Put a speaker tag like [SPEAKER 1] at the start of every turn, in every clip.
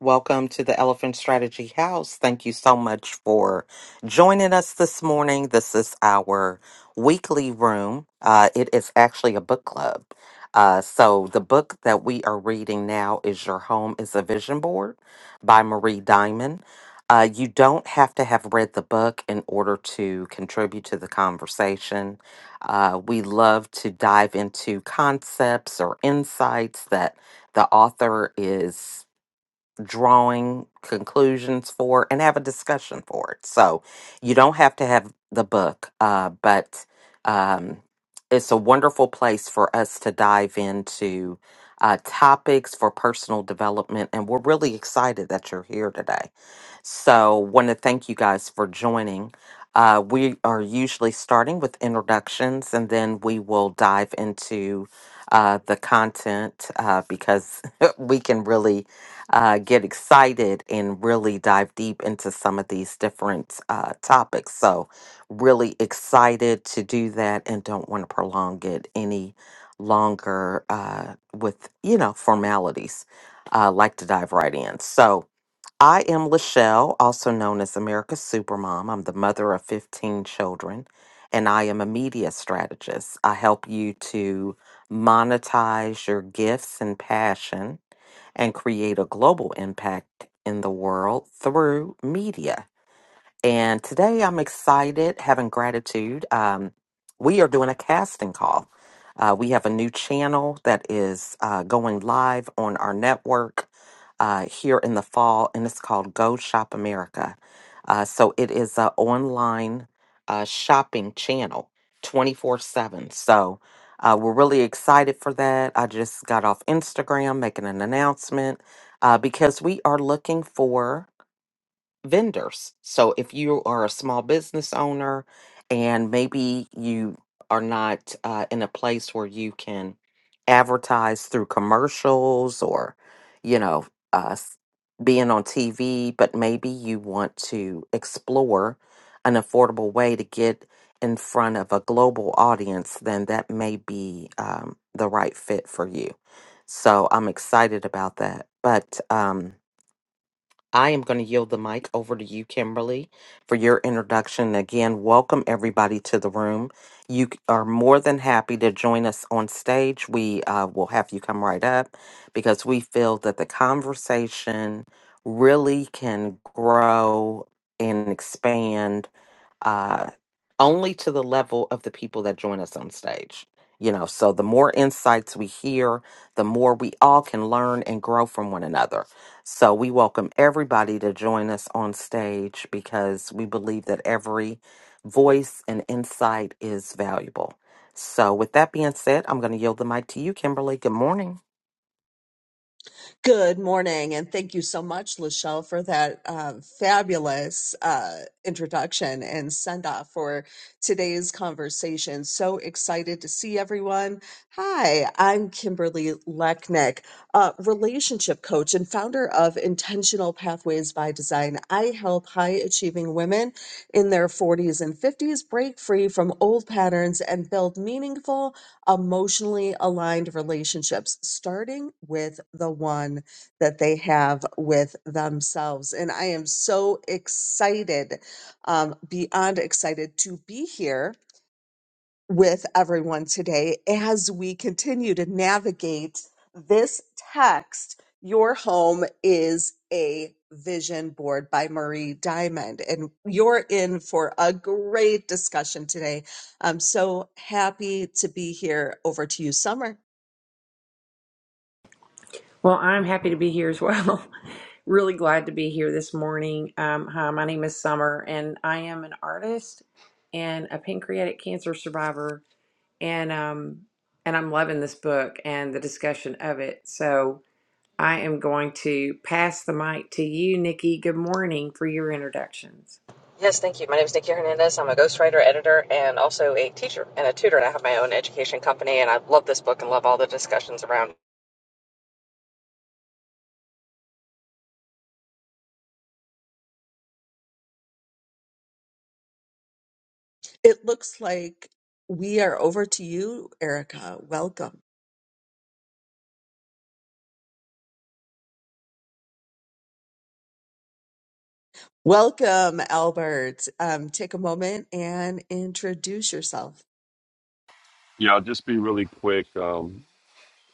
[SPEAKER 1] Welcome to the Elephant Strategy House. Thank you so much for joining us this morning. This is our weekly room. Uh, it is actually a book club. Uh, so, the book that we are reading now is Your Home is a Vision Board by Marie Diamond. Uh, you don't have to have read the book in order to contribute to the conversation. Uh, we love to dive into concepts or insights that the author is drawing conclusions for and have a discussion for it. So you don't have to have the book, uh, but um, it's a wonderful place for us to dive into uh, topics for personal development. And we're really excited that you're here today. So, want to thank you guys for joining. Uh, we are usually starting with introductions, and then we will dive into uh, the content uh, because we can really uh, get excited and really dive deep into some of these different uh, topics. So, really excited to do that, and don't want to prolong it any longer uh, with you know formalities. Uh, like to dive right in. So. I am Lachelle, also known as America's Supermom. I'm the mother of 15 children, and I am a media strategist. I help you to monetize your gifts and passion and create a global impact in the world through media. And today I'm excited, having gratitude. Um, we are doing a casting call. Uh, we have a new channel that is uh, going live on our network uh, here in the fall, and it's called Go Shop America. Uh, so it is an online uh, shopping channel 24 7. So uh, we're really excited for that. I just got off Instagram making an announcement uh, because we are looking for vendors. So if you are a small business owner and maybe you are not uh, in a place where you can advertise through commercials or, you know, uh, s- being on TV, but maybe you want to explore an affordable way to get in front of a global audience, then that may be um, the right fit for you. So I'm excited about that. But, um, I am going to yield the mic over to you, Kimberly, for your introduction. Again, welcome everybody to the room. You c- are more than happy to join us on stage. We uh, will have you come right up because we feel that the conversation really can grow and expand uh, only to the level of the people that join us on stage. You know, so the more insights we hear, the more we all can learn and grow from one another. So we welcome everybody to join us on stage because we believe that every voice and insight is valuable. So, with that being said, I'm going to yield the mic to you, Kimberly. Good morning.
[SPEAKER 2] Good morning, and thank you so much, Lachelle, for that uh, fabulous uh, introduction and send off for today's conversation. So excited to see everyone. Hi, I'm Kimberly Lechnick, uh, relationship coach and founder of Intentional Pathways by Design. I help high achieving women in their 40s and 50s break free from old patterns and build meaningful emotionally aligned relationships, starting with the one that they have with themselves. And I am so excited, um, beyond excited to be here with everyone today as we continue to navigate this text. Your home is a vision board by Marie Diamond, and you're in for a great discussion today. I'm so happy to be here. Over to you, Summer.
[SPEAKER 3] Well, I'm happy to be here as well. really glad to be here this morning. Um, hi, my name is Summer, and I am an artist and a pancreatic cancer survivor, and um, and I'm loving this book and the discussion of it. So I am going to pass the mic to you, Nikki. Good morning for your introductions.
[SPEAKER 4] Yes, thank you. My name is Nikki Hernandez. I'm a ghostwriter, editor, and also a teacher and a tutor. And I have my own education company, and I love this book and love all the discussions around. it.
[SPEAKER 2] It looks like we are over to you, Erica. Welcome. Welcome, Albert. Um, take a moment and introduce yourself.
[SPEAKER 5] Yeah, I'll just be really quick. Um,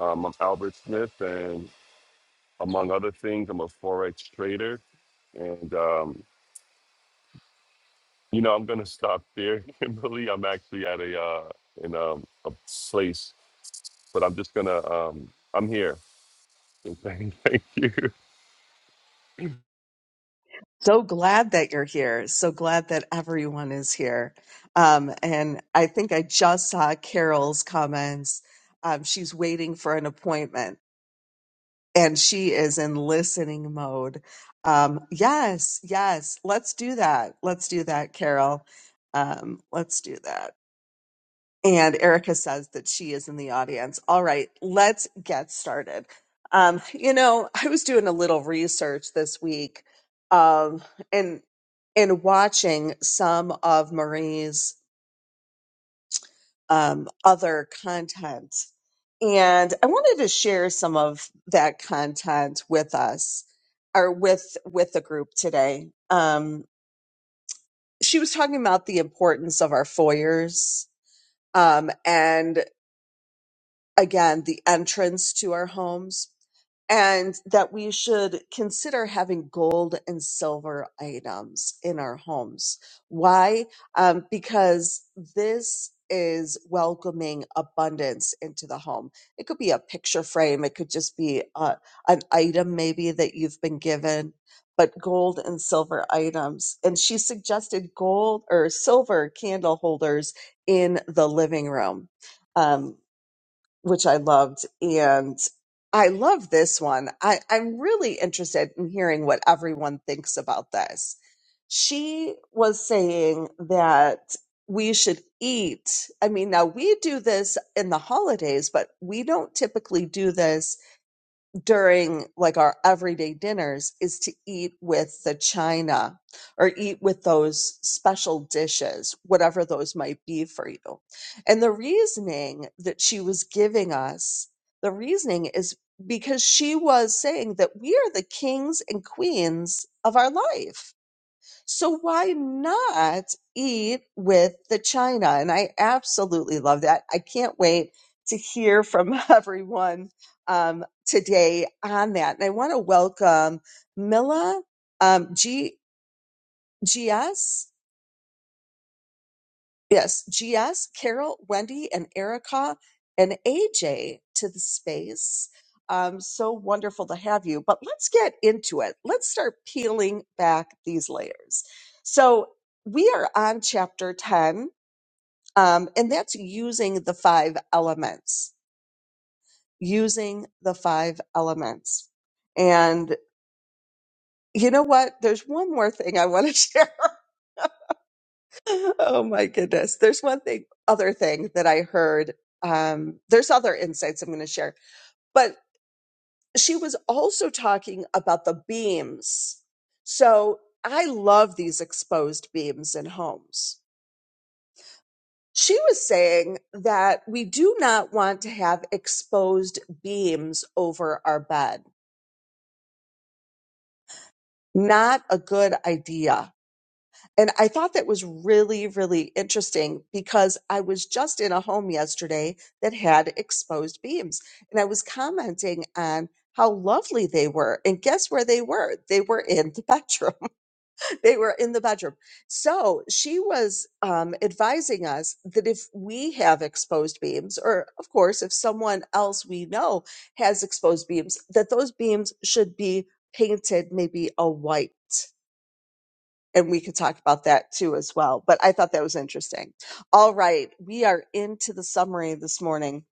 [SPEAKER 5] um, I'm Albert Smith, and among other things, I'm a forex trader. And um, you know, I'm gonna stop there, Kimberly. I'm actually at a uh, in um, a place, but I'm just gonna um, I'm here. thank you.
[SPEAKER 2] so glad that you're here. So glad that everyone is here. Um, and I think I just saw Carol's comments. Um, she's waiting for an appointment and she is in listening mode. Um, yes, yes. Let's do that. Let's do that, Carol. Um, let's do that. And Erica says that she is in the audience. All right, let's get started. Um, you know, I was doing a little research this week um, and and watching some of Marie's um, other content, and I wanted to share some of that content with us or with with the group today. Um, she was talking about the importance of our foyers um, and again, the entrance to our homes, and that we should consider having gold and silver items in our homes. Why? Um, because this is welcoming abundance into the home. It could be a picture frame, it could just be uh an item maybe that you've been given, but gold and silver items. And she suggested gold or silver candle holders in the living room. Um, which I loved. And I love this one. I, I'm really interested in hearing what everyone thinks about this. She was saying that we should eat. I mean, now we do this in the holidays, but we don't typically do this during like our everyday dinners is to eat with the china or eat with those special dishes, whatever those might be for you. And the reasoning that she was giving us, the reasoning is because she was saying that we are the kings and queens of our life so why not eat with the china? And I absolutely love that. I can't wait to hear from everyone um, today on that. And I want to welcome Mila um, G G S. Yes, GS, Carol, Wendy, and Erica, and AJ to the space. Um, so wonderful to have you. But let's get into it. Let's start peeling back these layers. So we are on chapter 10, um, and that's using the five elements, using the five elements. And you know what? There's one more thing I want to share. Oh my goodness. There's one thing, other thing that I heard. Um, there's other insights I'm going to share, but she was also talking about the beams. So I love these exposed beams in homes. She was saying that we do not want to have exposed beams over our bed. Not a good idea And I thought that was really, really interesting because I was just in a home yesterday that had exposed beams and I was commenting on how lovely they were. And guess where they were? They were in the bedroom. they were in the bedroom. So she was um, advising us that if we have exposed beams, or of course, if someone else we know has exposed beams, that those beams should be painted maybe a white and we could talk about that too as well. But I thought that was interesting. All right, we are into the summary this morning.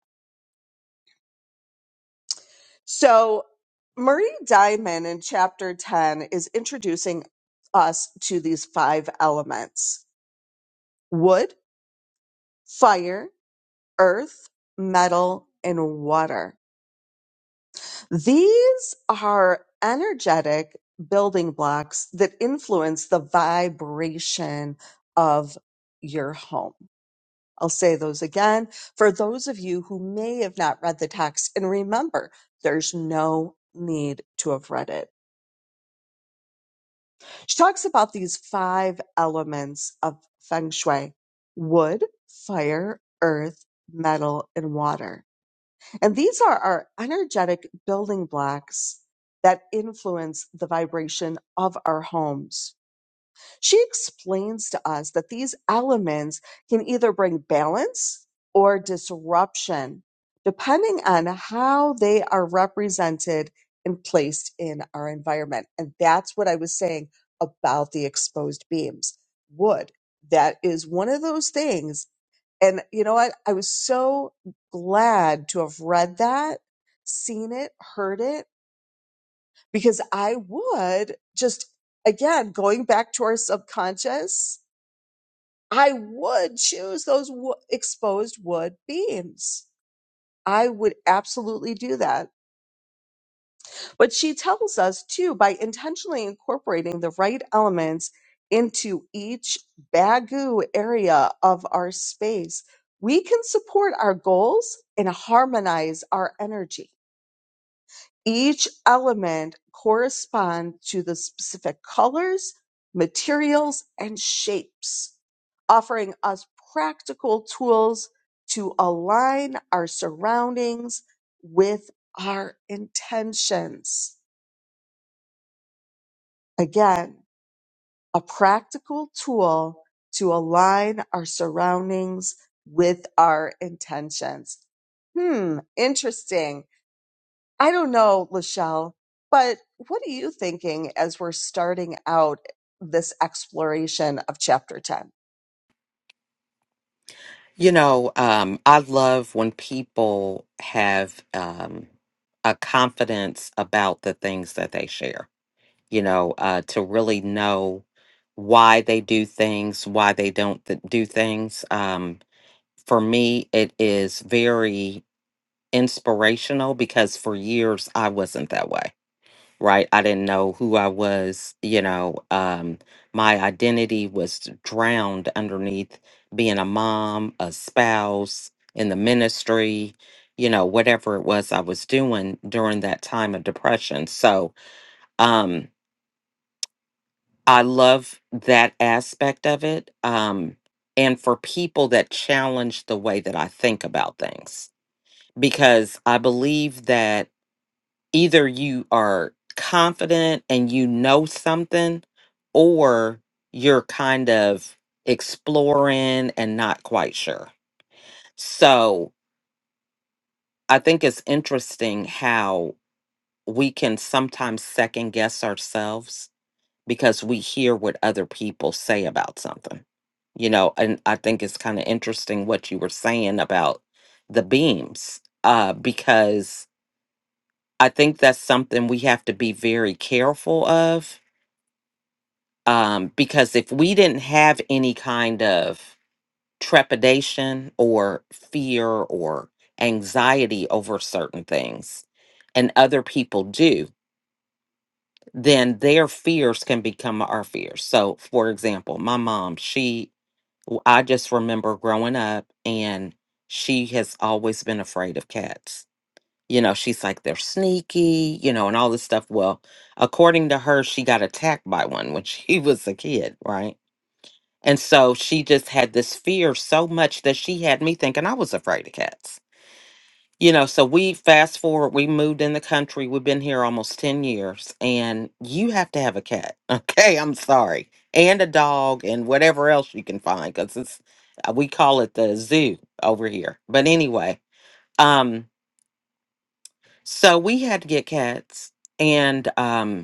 [SPEAKER 2] So Marie Diamond in chapter 10 is introducing us to these five elements: wood, fire, earth, metal, and water. These are energetic building blocks that influence the vibration of your home I'll say those again for those of you who may have not read the text. And remember, there's no need to have read it. She talks about these five elements of feng shui wood, fire, earth, metal, and water. And these are our energetic building blocks that influence the vibration of our homes. She explains to us that these elements can either bring balance or disruption, depending on how they are represented and placed in our environment. And that's what I was saying about the exposed beams. Wood, that is one of those things. And you know what? I was so glad to have read that, seen it, heard it, because I would just, again, going back to our subconscious I would choose those wo exposed wood beams. I would absolutely do that. But she tells us too by intentionally incorporating the right elements into each bagu area of our space, we can support our goals and harmonize our energy. Each element corresponds to the specific colors, materials, and shapes, offering us practical tools to align our surroundings with our intentions. Again, a practical tool to align our surroundings with our intentions. Hmm, interesting. I don't know, Lachelle, but what are you thinking as we're starting out this exploration of chapter 10?
[SPEAKER 1] You know, um, I love when people have um, a confidence about the things that they share you know, uh, to really know why they do things, why they don't th- do things. Um, for me, it is very inspirational because for years I wasn't that way, right? I didn't know who I was, you know, um, my identity was drowned underneath being a mom, a spouse, in the ministry, you know, whatever it was I was doing during that time of depression. So, um, I love that aspect of it. Um, and for people that challenge the way that I think about things, because I believe that either you are confident and you know something, or you're kind of exploring and not quite sure. So I think it's interesting how we can sometimes second guess ourselves because we hear what other people say about something. You know, and I think it's kind of interesting what you were saying about the beams, uh, because I think that's something we have to be very careful of. Um, because if we didn't have any kind of trepidation or fear or anxiety over certain things, and other people do, then their fears can become our fears. So, for example, my mom, she w- I just remember growing up, and she has always been afraid of cats. You know, she's like, they're sneaky, you know, and all this stuff. Well, according to her, she got attacked by one when she was a kid, right? And so she just had this fear so much that she had me thinking I was afraid of cats you know, so we fast forward, we moved in the country. We've been here almost 10 years, and you have to have a cat. Okay, I'm sorry. And a dog and whatever else you can find because it's, uh, we call it the zoo over here. But anyway, um, so we had to get cats, and um,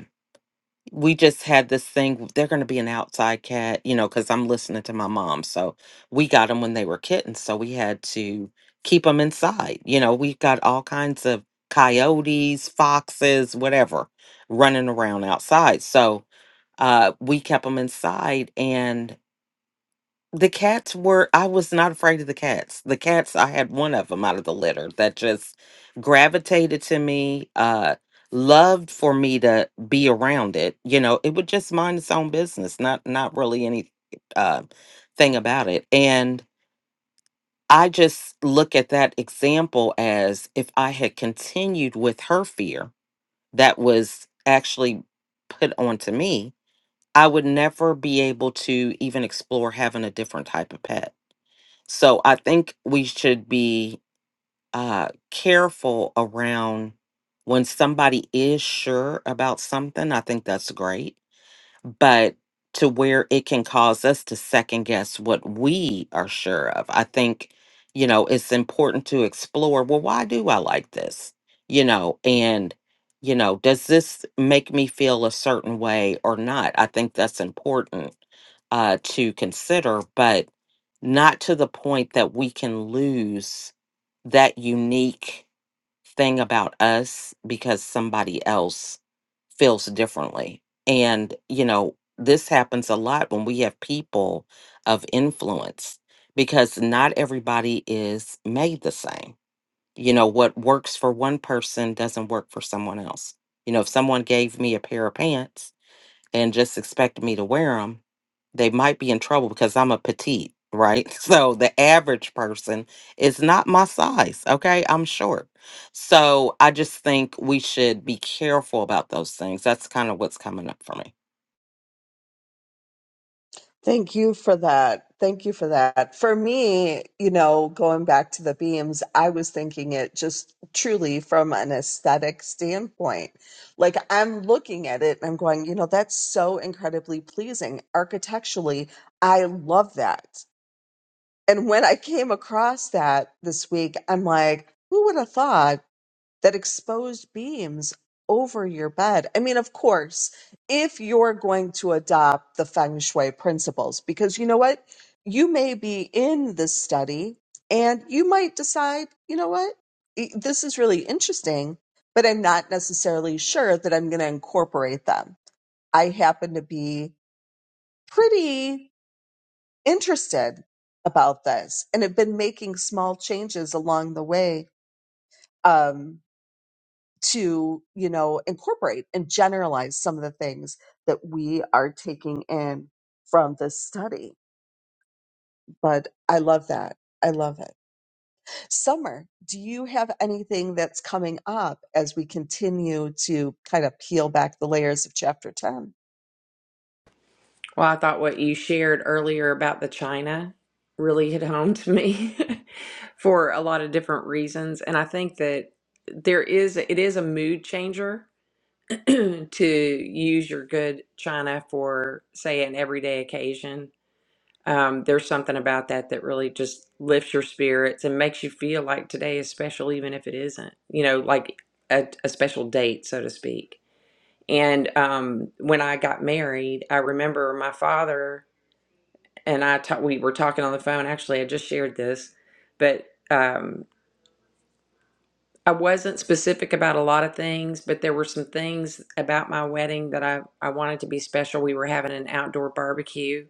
[SPEAKER 1] we just had this thing they're going to be an outside cat you know because i'm listening to my mom so we got them when they were kittens so we had to keep them inside you know we got all kinds of coyotes foxes whatever running around outside so uh, we kept them inside and the cats were i was not afraid of the cats the cats i had one of them out of the litter that just gravitated to me uh loved for me to be around it you know it would just mind its own business not not really any uh thing about it and i just look at that example as if i had continued with her fear that was actually put onto me i would never be able to even explore having a different type of pet so I think we should be uh, careful around when somebody is sure about something. I think that's great but to where it can cause us to second guess what we are sure of. I think, you know, it's important to explore well, why do I like this? You know, and, you know, does this make me feel a certain way or not? I think that's important uh, to consider, but not to the point that we can lose that unique thing about us because somebody else feels differently. And, you know, this happens a lot when we have people of influence because not everybody is made the same. You know, what works for one person doesn't work for someone else. You know, if someone gave me a pair of pants and just expect me to wear them, they might be in trouble because I'm a petite, right? So the average person is not my size, okay? I'm short. So I just think we should be careful about those things. That's kind of what's coming up for me.
[SPEAKER 2] Thank you for that. Thank you for that. For me, you know, going back to the beams, I was thinking it just truly from an aesthetic standpoint. Like I'm looking at it and I'm going, you know, that's so incredibly pleasing architecturally. I love that. And when I came across that this week, I'm like, who would have thought? that exposed beams over your bed. I mean, of course, if you're going to adopt the feng shui principles, because you know what? You may be in this study and you might decide, you know what? E- This is really interesting, but I'm not necessarily sure that I'm going to incorporate them. I happen to be pretty interested about this and have been making small changes along the way. Um, to you know incorporate and generalize some of the things that we are taking in from this study but i love that i love it Summer, do you have anything that's coming up as we continue to kind of peel back the layers of chapter 10?
[SPEAKER 3] Well, I thought what you shared earlier about the China really hit home to me for a lot of different reasons. And I think that there is, it is a mood changer to use your good China for, say, an everyday occasion. Um, there's something about that that really just lifts your spirits and makes you feel like today is special, even if it isn't, you know, like a, a special date, so to speak. And um, when I got married, I remember my father and I ta- we were talking on the phone. Actually, I just shared this, but um, I wasn't specific about a lot of things, but there were some things about my wedding that I, I wanted to be special. We were having an outdoor barbecue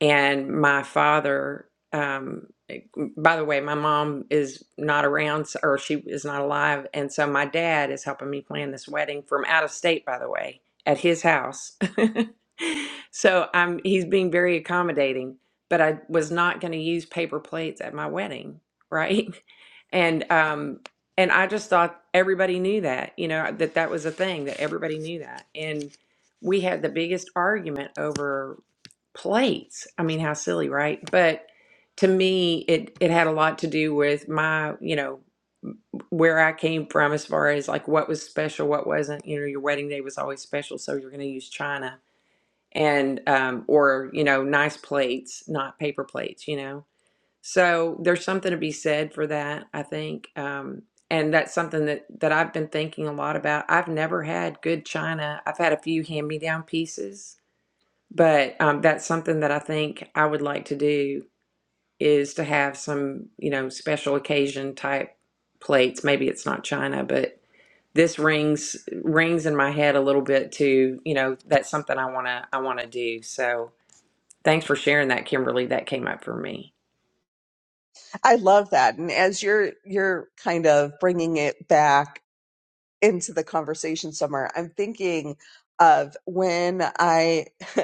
[SPEAKER 3] and my father um by the way my mom is not around so- or she is not alive and so my dad is helping me plan this wedding from out of state by the way at his house so i'm he's being very accommodating but i was not going to use paper plates at my wedding right and um and i just thought everybody knew that you know that that was a thing that everybody knew that and we had the biggest argument over plates. I mean, how silly, right? But to me, it it had a lot to do with my, you know, where I came from as far as like what was special, what wasn't. You know, your wedding day was always special, so you're going to use china and um, or you know, nice plates, not paper plates. You know, so there's something to be said for that. I think. Um, and that's something that, that I've been thinking a lot about. I've never had good china. I've had a few hand me down pieces but um, that's something that I think I would like to do is to have some, you know, special occasion type plates. Maybe it's not China, but this rings rings in my head a little bit too. You know, that's something I wanna I wanna do. So thanks for sharing that, Kimberly. That came up for me.
[SPEAKER 2] I love that. And as you're you're kind of bringing it back into the conversation somewhere. I'm thinking of when I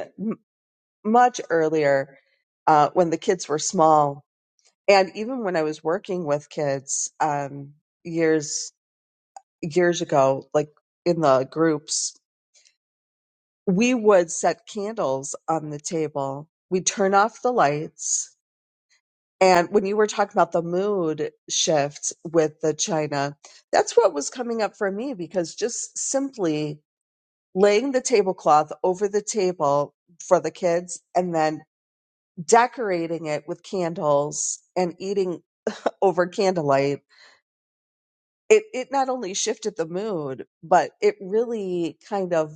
[SPEAKER 2] much earlier, uh, when the kids were small, and even when I was working with kids um, years years ago, like in the groups, we would set candles on the table. We turn off the lights. And when you were talking about the mood shift with the China, that's what was coming up for me because just simply laying the tablecloth over the table for the kids and then decorating it with candles and eating over candlelight it it not only shifted the mood but it really kind of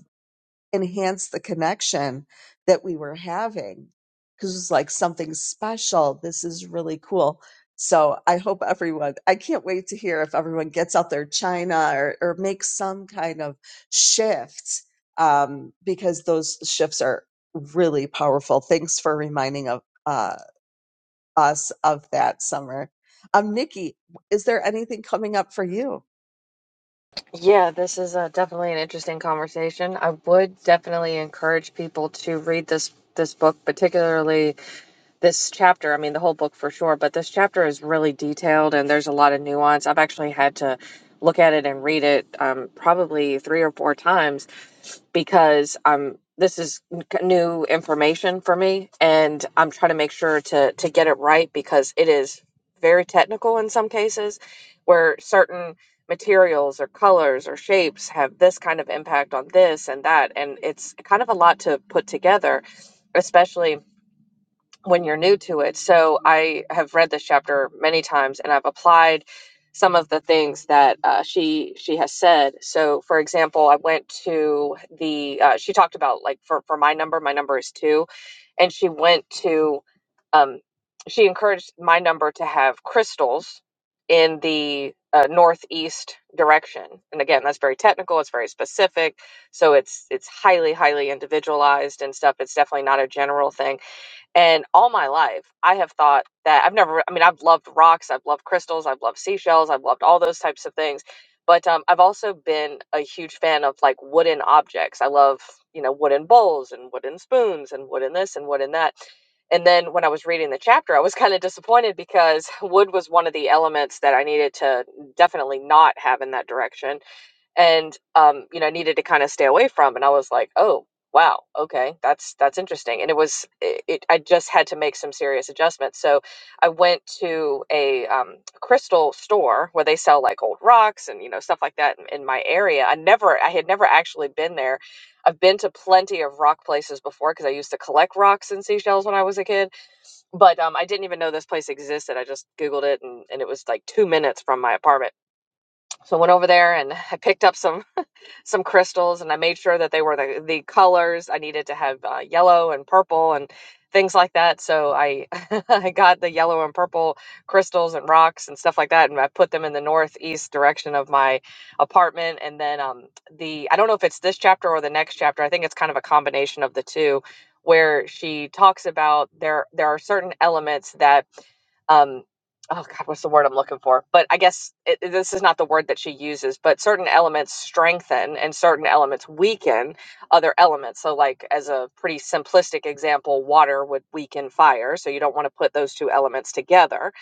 [SPEAKER 2] enhanced the connection that we were having because it was like something special. This is really cool. So I hope everyone, I can't wait to hear if everyone gets out their China or, or makes some kind of shift um, because those shifts are really powerful. Thanks for reminding of, uh, us of that summer. Um, Nikki, is there anything coming up for you?
[SPEAKER 4] Yeah, this is uh, definitely an interesting conversation. I would definitely encourage people to read this this book, particularly this chapter, I mean, the whole book for sure, but this chapter is really detailed and there's a lot of nuance. I've actually had to look at it and read it um, probably three or four times because um, this is n- c- new information for me and I'm trying to make sure to, to get it right because it is very technical in some cases where certain materials or colors or shapes have this kind of impact on this and that. And it's kind of a lot to put together, especially when you're new to it. So I have read this chapter many times, and I've applied some of the things that uh, she she has said. So, for example, I went to the uh, she talked about like for for my number, my number is two, and she went to um, she encouraged my number to have crystals in the uh, northeast direction and again that's very technical it's very specific so it's it's highly highly individualized and stuff it's definitely not a general thing and all my life, I have thought that I've never, I mean, I've loved rocks, I've loved crystals, I've loved seashells, I've loved all those types of things. But um, I've also been a huge fan of like wooden objects. I love, you know, wooden bowls and wooden spoons and wooden this and wooden that. And then when I was reading the chapter, I was kind of disappointed because wood was one of the elements that I needed to definitely not have in that direction and um, you know, I needed to kind of stay away from. And I was like, oh wow, okay, that's that's interesting. And it was, it, it, I just had to make some serious adjustments. So I went to a um, crystal store where they sell like old rocks and you know stuff like that in, in my area. I never, I had never actually been there. I've been to plenty of rock places before because I used to collect rocks and seashells when I was a kid. But um, I didn't even know this place existed. I just Googled it and, and it was like two minutes from my apartment. So I went over there and I picked up some some crystals and I made sure that they were the, the colors. I needed to have uh, yellow and purple and things like that. So I, I got the yellow and purple crystals and rocks and stuff like that. And I put them in the northeast direction of my apartment. And then um, the, I don't know if it's this chapter or the next chapter. I think it's kind of a combination of the two where she talks about there, there are certain elements that um, oh god what's the word i'm looking for but i guess it, it- this is not the word that she uses but certain elements strengthen and certain elements weaken other elements so like as a pretty simplistic example water would weaken fire so you don't want to put those two elements together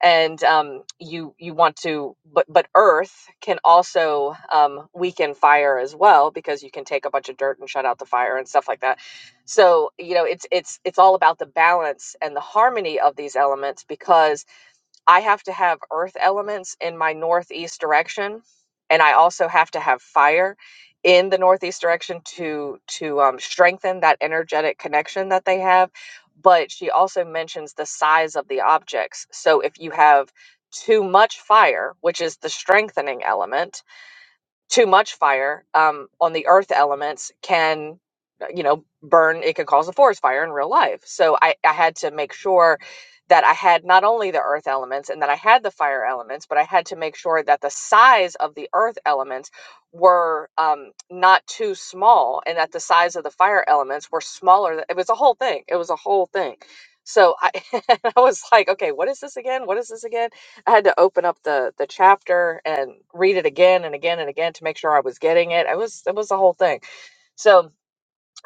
[SPEAKER 4] and um, you you want to but but earth can also um, weaken fire as well because you can take a bunch of dirt and shut out the fire and stuff like that so you know it's it's it's all about the balance and the harmony of these elements because I have to have earth elements in my northeast direction, and I also have to have fire in the northeast direction to to um, strengthen that energetic connection that they have. But she also mentions the size of the objects. So if you have too much fire, which is the strengthening element, too much fire um, on the earth elements can you know burn it could cause a forest fire in real life so I, I had to make sure that i had not only the earth elements and that i had the fire elements but i had to make sure that the size of the earth elements were um, not too small and that the size of the fire elements were smaller it was a whole thing it was a whole thing so i, I was like okay what is this again what is this again I had to open up the the chapter and read it again and again and again to make sure I was getting it. It was it was the whole thing. So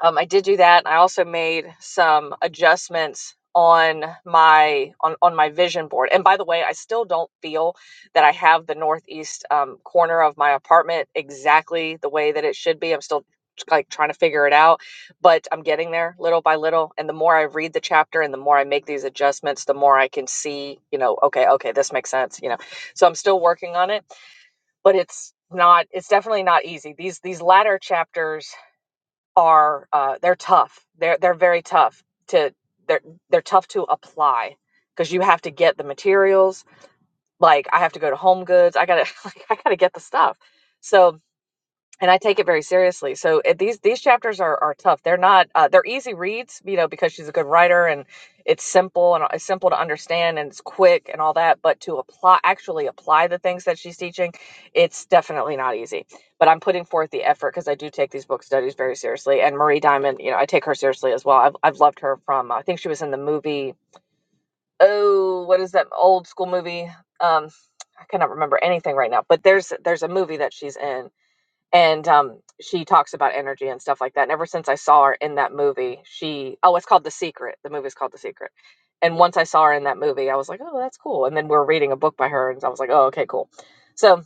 [SPEAKER 4] um, I did do that. I also made some adjustments on my on on my vision board. And by the way, I still don't feel that I have the northeast um, corner of my apartment exactly the way that it should be. I'm still like trying to figure it out, but I'm getting there little by little. And the more I read the chapter and the more I make these adjustments, the more I can see, you know, okay, okay, this makes sense, you know. So I'm still working on it, but it's not it's definitely not easy. These these latter chapters are uh, they're tough. They're they're very tough to they're they're tough to apply because you have to get the materials. Like I have to go to Home Goods. I gotta I gotta get the stuff. So and I take it very seriously. So it, these these chapters are are tough. They're not uh, they're easy reads, you know, because she's a good writer and it's simple and uh, it's simple to understand and it's quick and all that. But to apply actually apply the things that she's teaching, it's definitely not easy. But I'm putting forth the effort because I do take these book studies very seriously. And Marie Diamond, you know, I take her seriously as well. I've I've loved her from I think she was in the movie. Oh, what is that old school movie? Um, I cannot remember anything right now. But there's there's a movie that she's in and um she talks about energy and stuff like that and ever since i saw her in that movie she oh it's called the secret the movie's called the secret and once i saw her in that movie i was like oh that's cool and then we are reading a book by her and i was like oh okay cool so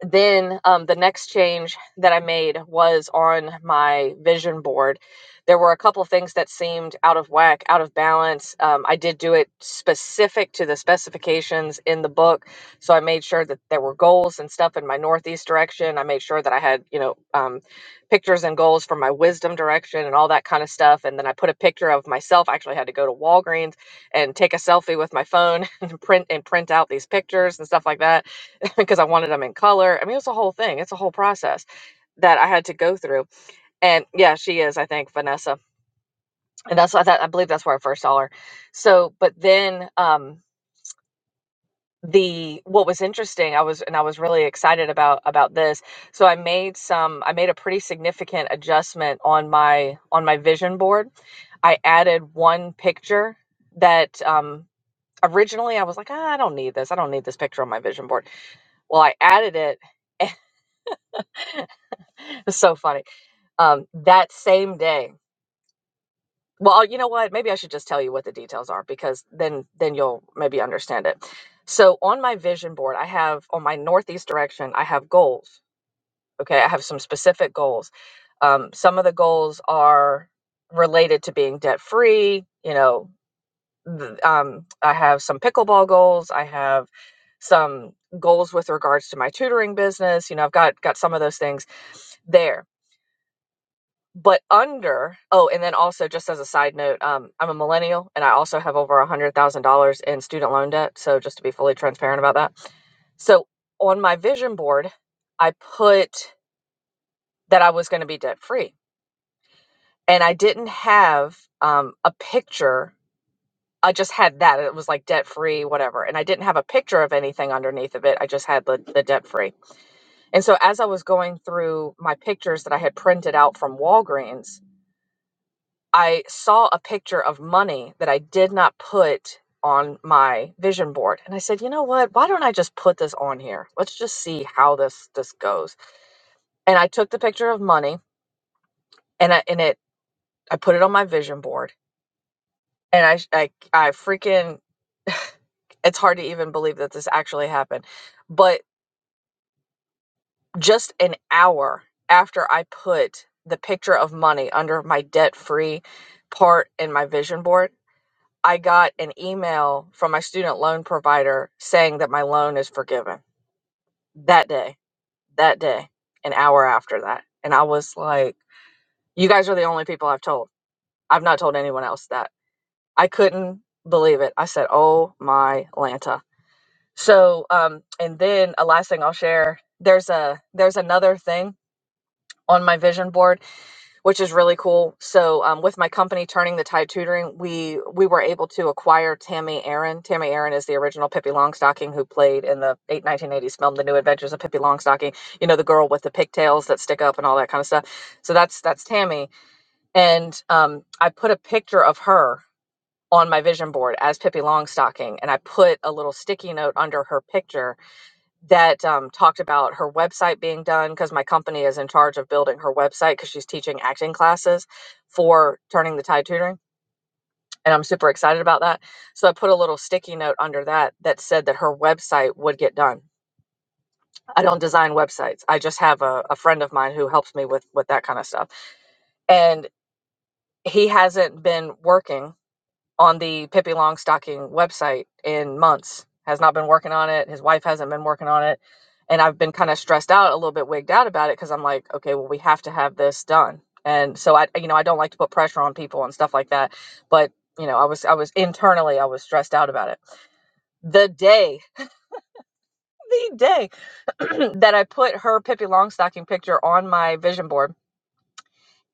[SPEAKER 4] then um, the next change that I made was on my vision board. There were a couple of things that seemed out of whack, out of balance. Um, I did do it specific to the specifications in the book, so I made sure that there were goals and stuff in my northeast direction. I made sure that I had, you know, um, pictures and goals for my wisdom direction and all that kind of stuff. And then I put a picture of myself. I actually had to go to Walgreens and take a selfie with my phone and print and print out these pictures and stuff like that because I wanted them in color. I mean, it's a whole thing. It's a whole process that I had to go through. And yeah, she is, I think, Vanessa. And that's I, thought, I believe that's where I first saw her. So, but then um the what was interesting, I was and I was really excited about about this. So I made some I made a pretty significant adjustment on my on my vision board. I added one picture that um originally I was like, ah, I don't need this. I don't need this picture on my vision board. Well, I added it. It's so funny um, that same day. Well, uh, you know what? Maybe I should just tell you what the details are because then then you'll maybe understand it. So on my vision board, I have on my northeast direction, I have goals. Okay, I have some specific goals. Um, some of the goals are related to being debt free. You know, th- um, I have some pickleball goals. I have some goals with regards to my tutoring business. You know, I've got got some of those things there but under oh and then also just as a side note um, i'm a millennial and i also have over a hundred thousand dollars in student loan debt so just to be fully transparent about that so on my vision board i put that i was going to be debt free and i didn't have um, a picture i just had that it was like debt free whatever and i didn't have a picture of anything underneath of it i just had the, the debt free and so as i was going through my pictures that i had printed out from walgreens I saw a picture of money that I did not put on my vision board. And I said, you know what? Why don't I just put this on here? Let's just see how this this goes. And I took the picture of money and I and it I put it on my vision board. And I I I freaking it's hard to even believe that this actually happened. But just an hour after I put the picture of money under my debt free part in my vision board, I got an email from my student loan provider saying that my loan is forgiven that day, that day, an hour after that. And I was like, you guys are the only people I've told. I've not told anyone else that. I couldn't believe it. I said, oh my Lanta. So, um, and then a last thing I'll share, there's a, there's another thing on my vision board which is really cool. So um, with my company Turning the Tide Tutoring, we we were able to acquire Tammy Aaron. Tammy Aaron is the original Pippi Longstocking who played in the eight, 1980s film The New Adventures of Pippi Longstocking. You know the girl with the pigtails that stick up and all that kind of stuff. So that's that's Tammy, and um, I put a picture of her on my vision board as Pippi Longstocking, and I put a little sticky note under her picture that um, talked about her website being done because my company is in charge of building her website because she's teaching acting classes for turning the tide tutoring and i'm super excited about that so i put a little sticky note under that that said that her website would get done i don't design websites i just have a, a friend of mine who helps me with with that kind of stuff and he hasn't been working on the Pippi Longstocking website in months. Has not been working on it. His wife hasn't been working on it. And I've been kind of stressed out, a little bit wigged out about it because I'm like, okay, well, we have to have this done. And so I, you know, I don't like to put pressure on people and stuff like that. But, you know, I was, I was internally, I was stressed out about it. The day, the day that I put her Pippi Longstocking picture on my vision board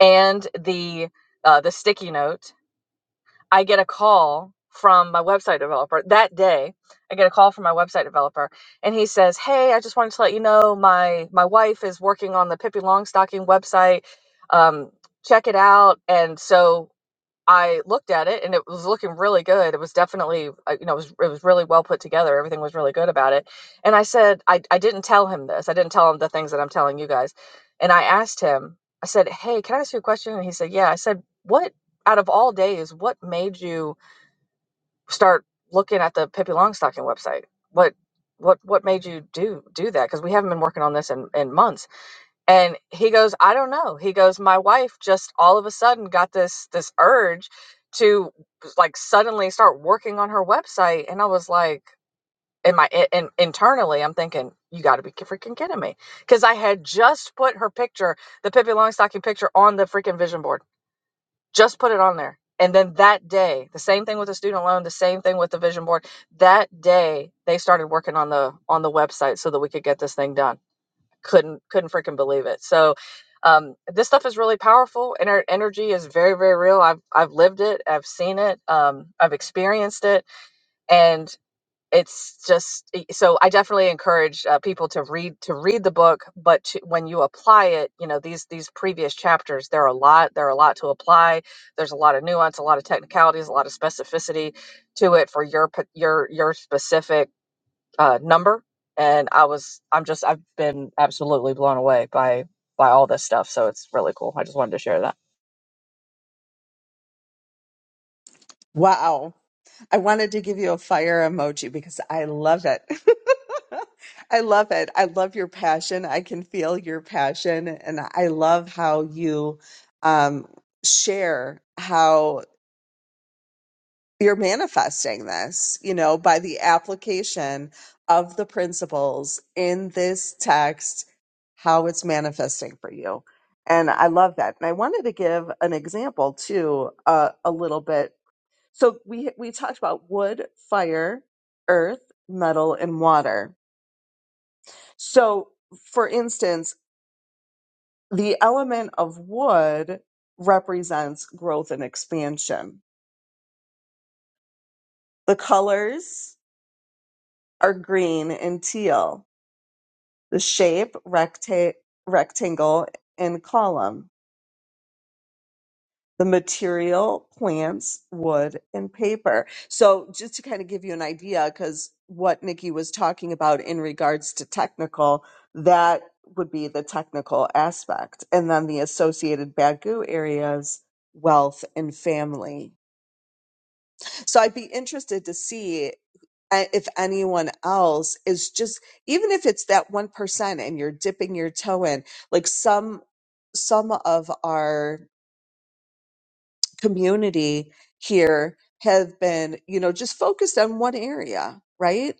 [SPEAKER 4] and the, uh, the sticky note I get a call from my website developer that day. I get a call from my website developer, and he says, "Hey, I just wanted to let you know my my wife is working on the Pippi Longstocking website. Um, check it out." And so I looked at it and it was looking really good. It was definitely, uh, you know, it was, it was really well put together. Everything was really good about it. And I said, I, I didn't tell him this. I didn't tell him the things that I'm telling you guys. And I asked him, I said, Hey, can I ask you a question? And he said, Yeah. I said, What out of all days, what made you start looking at the Pippi Longstocking website? What, what, what made you do, do that? Cause we haven't been working on this in, in months and he goes i don't know he goes my wife just all of a sudden got this this urge to like suddenly start working on her website and i was like in my in, in- internally i'm thinking you got to be freaking kidding me because i had just put her picture the pippi longstocking picture on the freaking vision board just put it on there and then that day the same thing with the student loan the same thing with the vision board that day they started working on the on the website so that we could get this thing done couldn't couldn't freaking believe it. So um, this stuff is really powerful, and our energy is very very real. I've I've lived it, I've seen it, um, I've experienced it, and it's just eh, so I definitely encourage uh, people to read to read the book, but to, when you apply it, you know these these previous chapters, there are a lot there are a lot to apply. There's a lot of nuance, a lot of technicalities, a lot of specificity to it for your pa- your your specific uh, number, and I was I'm just I've been absolutely blown away by by all this stuff. So it's really cool. I just wanted to share that.
[SPEAKER 2] Wow. I wanted to give you a fire emoji because I love it. I love it. I love your passion. I can feel your passion. And I love how you um, share how you're manifesting this, you know, by the application of the principles in this text, how it's manifesting for you. And I love that. And I wanted to give an example too, uh, a little bit so we we talked about wood, fire, earth, metal, and water. So for instance, the element of wood represents growth and expansion. The colors are green and teal. The shape recta- rectangle and column. the material, plants, wood, and paper. So, just to kind of give you an idea, because what Nikki was talking about in regards to technical, that would be the technical aspect. And then the associated Bagu areas, wealth, and family. So, I'd be interested to see a- if anyone else is just even if it's that 1% and you're dipping your toe in like some some of our community here have been, you know, just focused on one area, right?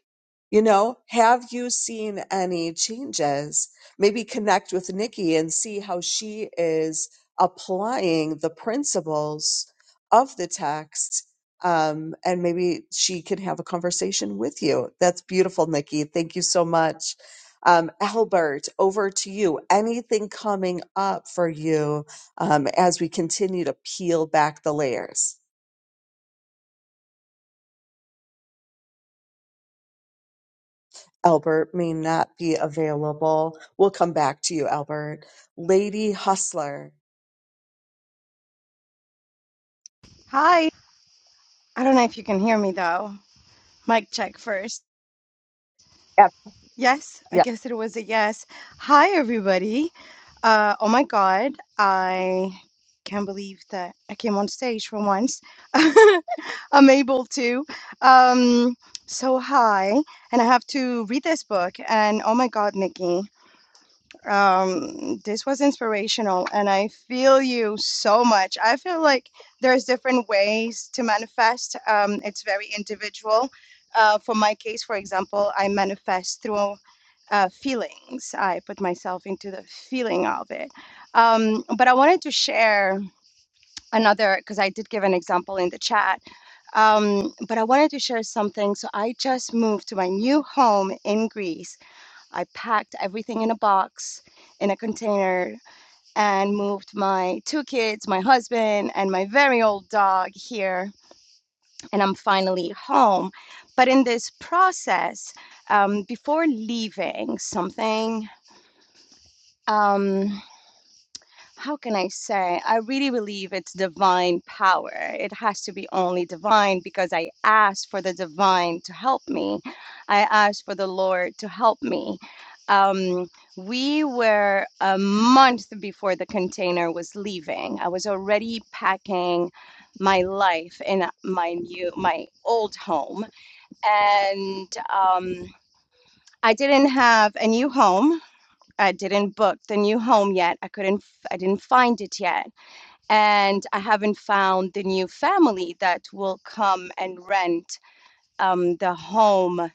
[SPEAKER 2] You know, have you seen any changes? Maybe connect with Nikki and see how she is applying the principles of the text. Um, and maybe she can have a conversation with you. That's beautiful, Nikki. Thank you so much. Um, Albert, over to you. Anything coming up for you um, as we continue to peel back the layers. Albert may not be available. We'll come back to you, Albert. Lady Hustler.
[SPEAKER 6] Hi. I don't know if you can hear me though. Mic check first.
[SPEAKER 2] Yep.
[SPEAKER 6] Yes, I
[SPEAKER 2] yep.
[SPEAKER 6] guess it was a yes. Hi, everybody. Uh, oh my God, I can't believe that I came on stage for once. I'm able to. Um, so hi, and I have to read this book. And oh my God, Nikki. um this was inspirational and i feel you so much i feel like there's different ways to manifest um it's very individual uh for my case for example i manifest through uh, feelings i put myself into the feeling of it um but i wanted to share another because i did give an example in the chat um but i wanted to share something so i just moved to my new home in greece I packed everything in a box in a container and moved my two kids, my husband, and my very old dog here. And I'm finally home. But in this process, um, before leaving, something. Um, how can I say? I really believe it's divine power. It has to be only divine because I asked for the divine to help me. I asked for the Lord to help me. Um, we were a month before the container was leaving. I was already packing my life in my new, my old home, and um, I didn't have a new home. I didn't book the new home yet. I couldn't. f- I didn't find it yet and I haven't found the new family that will come and rent um, the home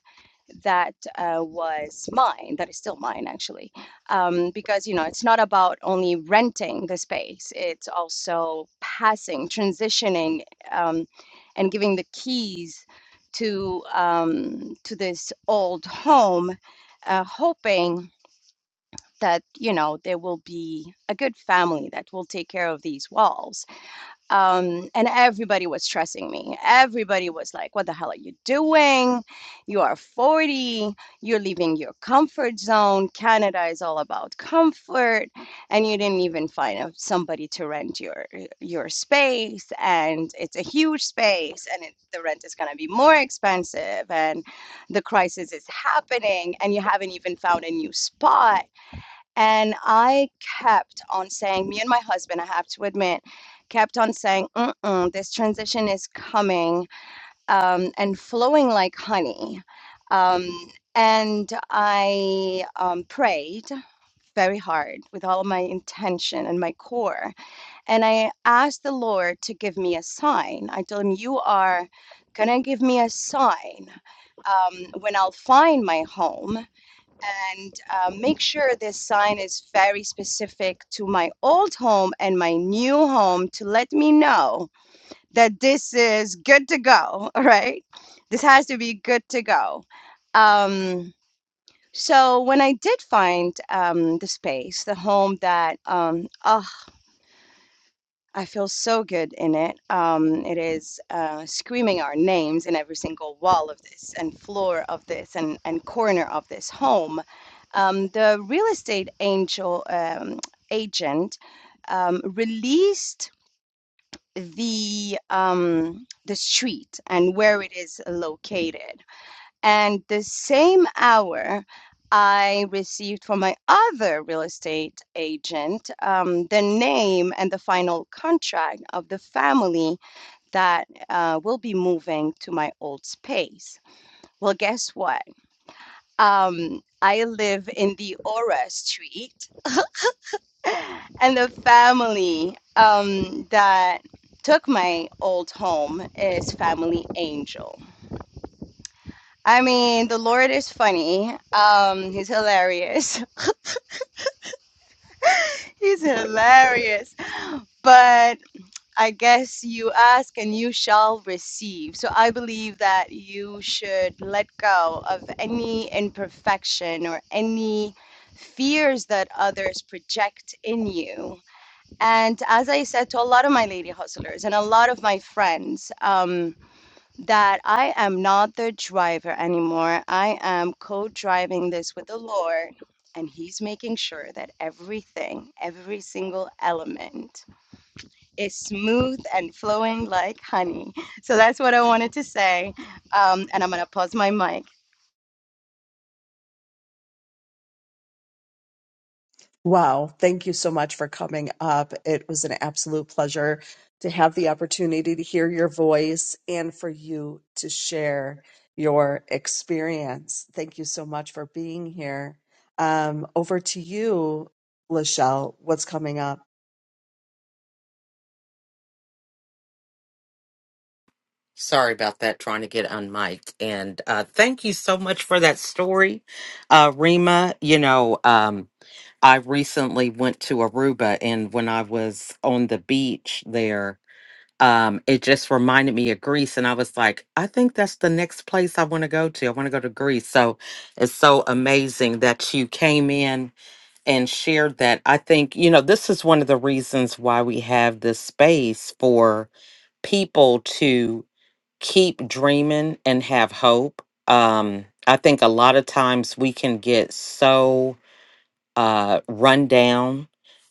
[SPEAKER 6] that uh, was mine, that is still mine actually, um, because you know it's not about only renting the space; it's also passing, transitioning, um, and giving the keys to um, to this old home, uh, hoping that you know there will be a good family that will take care of these walls um, and everybody was stressing me. Everybody was like, "What the hell are you doing? You are 40. You're leaving your comfort zone. Canada is all about comfort, and you didn't even find a, somebody to rent your your space. And it's a huge space, and it, the rent is going to be more expensive. And the crisis is happening, and you haven't even found a new spot." And I kept on saying, me and my husband, I have to admit, kept on saying, Mm-mm, this transition is coming um, and flowing like honey. Um, and I um, prayed very hard with all of my intention and my core. And I asked the Lord to give me a sign. I told him, You are going to give me a sign um, when I'll find my home and uh, make sure this sign is very specific to my old home and my new home to let me know that this is good to go, all right? This has to be good to go. Um, so when I did find um, the space, the home that um, a I feel so good in it. Um, it is uh, screaming our names in every single wall of this and floor of this and, and corner of this home. Um, the real estate angel um, agent um, released the um, the street and where it is located. And the same hour, I received from my other real estate agent um, the name and the final contract of the family that uh, will be moving to my old space. Well, guess what? Um, I live in the Aura Street, and the family um, that took my old home is Family Angel I mean, the Lord is funny. Um, he's hilarious. He's hilarious. But I guess you ask and you shall receive. So I believe that you should let go of any imperfection or any fears that others project in you. And as I said to a lot of my lady hustlers and a lot of my friends, um, that I am not the driver anymore. I am co driving this with the Lord, and He's making sure that everything, every single element is smooth and flowing like honey. So that's what I wanted to say. Um, and I'm going to pause my mic.
[SPEAKER 2] Wow. Thank you so much for coming up. It was an absolute pleasure to have the opportunity to hear your voice and for you to share your experience. Thank you so much for being here. Um, over to you, Lachelle. What's coming up?
[SPEAKER 1] Sorry about that, trying to get unmiked. And uh, thank you so much for that story, uh, Rima. You know, um, I recently went to Aruba, and when I was on the beach there, um, it just reminded me of Greece. And I was like, I think that's the next place I want to go to. I want to go to Greece. So it's so amazing that you came in and shared that. I think, you know, this is one of the reasons why we have this space for people to keep dreaming and have hope. Um, I think a lot of times we can get so uh, rundown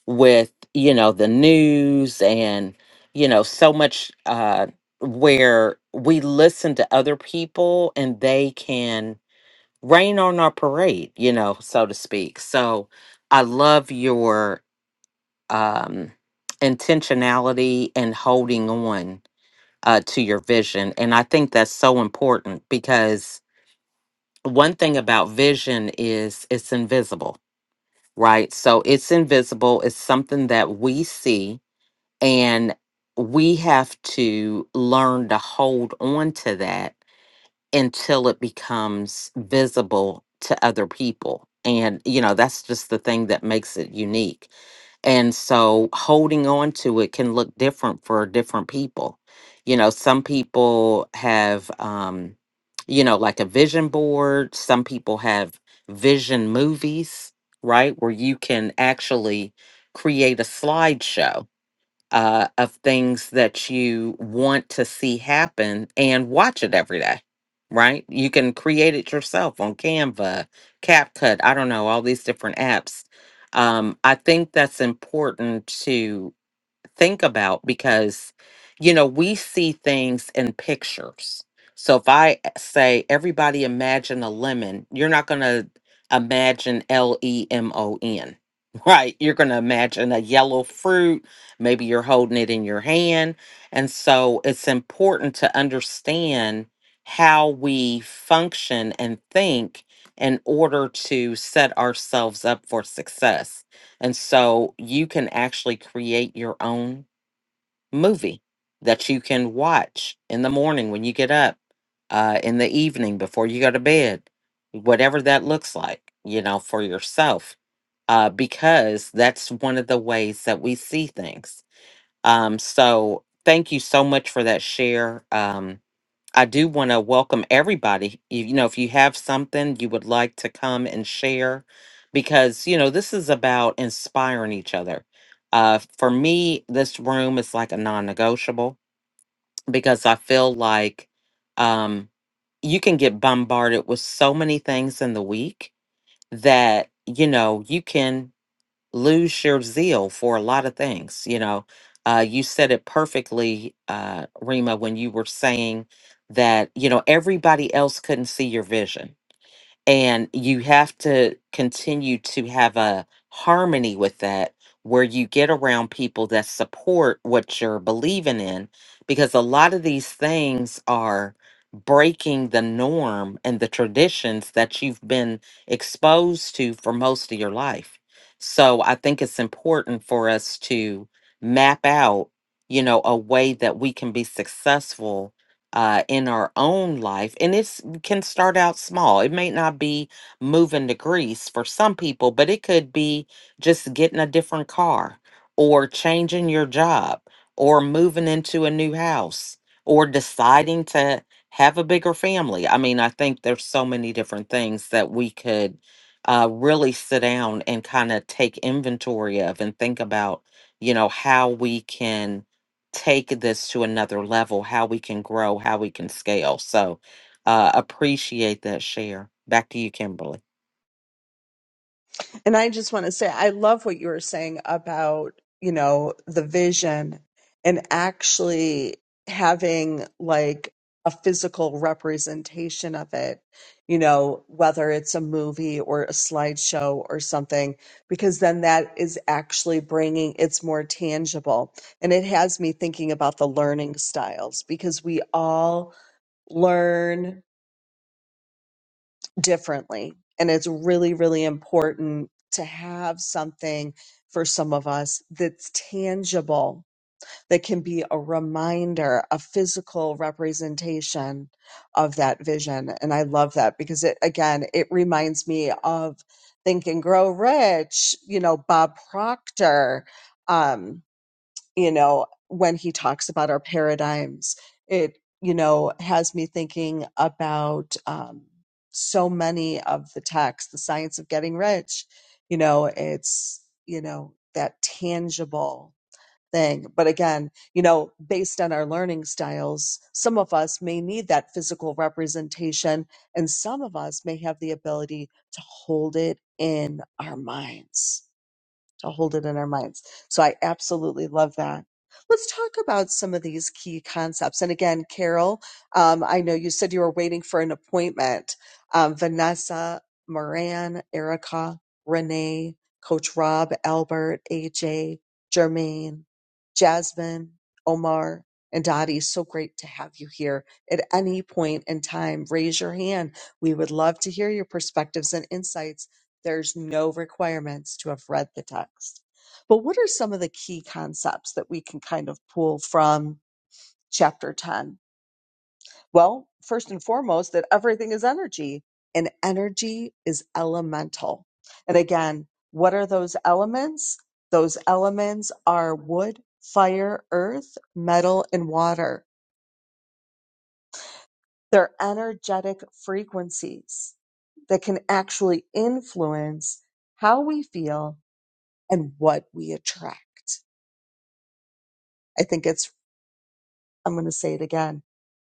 [SPEAKER 1] with you know the news and you know so much uh, where we listen to other people and they can rain on our parade, you know, so to speak. So I love your um, intentionality and holding on uh, to your vision, and I think that's so important because one thing about vision is it's invisible right? So it's invisible, it's something that we see, and we have to learn to hold on to that until it becomes visible to other people. And, you know, that's just the thing that makes it unique. And so holding on to it can look different for different people. You know, some people have, um, you know, like a vision board, some people have vision movies, right? Where you can actually create a slideshow uh, of things that you want to see happen and watch it every day, right? You can create it yourself on Canva, CapCut, I don't know, all these different apps. Um, I think that's important think about because you know we see things in pictures so if i eh, say everybody imagine a lemon you're not going to imagine l-e-m-o-n right you're going to imagine a yellow fruit maybe you're holding it in your hand and so it's important to understand how we function and think in order to set ourselves up for success and so you can actually create your own movie that you can watch in the morning when you get up, uh, in the evening before you go to bed, whatever that looks like, you know, for yourself, uh, because that's one of the ways that we see things. Um, so thank you so much for that share. Um, I do want to welcome everybody. You, you know, if you have something you would like to come and share, because, you know, this is about inspiring each other. Uh, for me, this room is like a non negotiable because I feel like um, you can get bombarded with so many things in the week that, you know, you can lose your zeal for a lot of things. You know, uh, you said it perfectly, uh, Rima, when you were saying that, you know, everybody else couldn't see your vision and you have to continue to have a harmony with that where you get around people that support what you're believing in because a lot of these things are breaking the norm and the traditions that you've been exposed to for most of your life. So I think it's important for us to map out, you know, a way that we can be successful uh, in our own life. And it's can start out small. It may not be moving to Greece for some people, but it could be just getting a different car or changing your job or moving into a new house or deciding to have a bigger family. I mean, I think there's so many different things that we could uh, really sit down and kind of take inventory of and think about, you know, how we can take this to another level, how we can grow, how we can scale. So uh, appreciate that share. Back to you, Kimberly.
[SPEAKER 2] And I just want to say, I love what you were saying about, you know, the vision and actually having like a physical representation of it, you know, whether it's a movie or a slideshow or something, because then that is actually bringing it's more tangible. And it has me thinking about the learning styles because we all learn differently. And it's really, really important to have something for some of us that's tangible, that can be a reminder, a physical representation of that vision. And I love that because it, again, it reminds me of Think and Grow Rich, you know, Bob Proctor. Um, you know when he talks about our paradigms it you know has me thinking about um, so many of the texts the science of getting rich you know it's you know that tangible thing but again you know based on our learning styles some of us may need that physical representation and some of us may have the ability to hold it in our minds to hold it in our minds. So I absolutely love that. Let's talk about some of these key concepts. And again, Carol, um, I know you said you were waiting for an appointment. Um, Vanessa, Moran, Erica, Renee, Coach Rob, Albert, AJ, Jermaine, Jasmine, Omar, and Dottie. So great to have you here. At any point in time, raise your hand. We would love to hear your perspectives and insights there's no requirements to have read the text. But what are some of the key concepts that we can kind of pull from chapter 10? Well, first and foremost, that everything is energy and energy is elemental. And again, what are those elements? Those elements are wood, fire, earth, metal, and water. They're energetic frequencies that can actually influence how we feel and what we attract. I think it's, I'm going to say it again.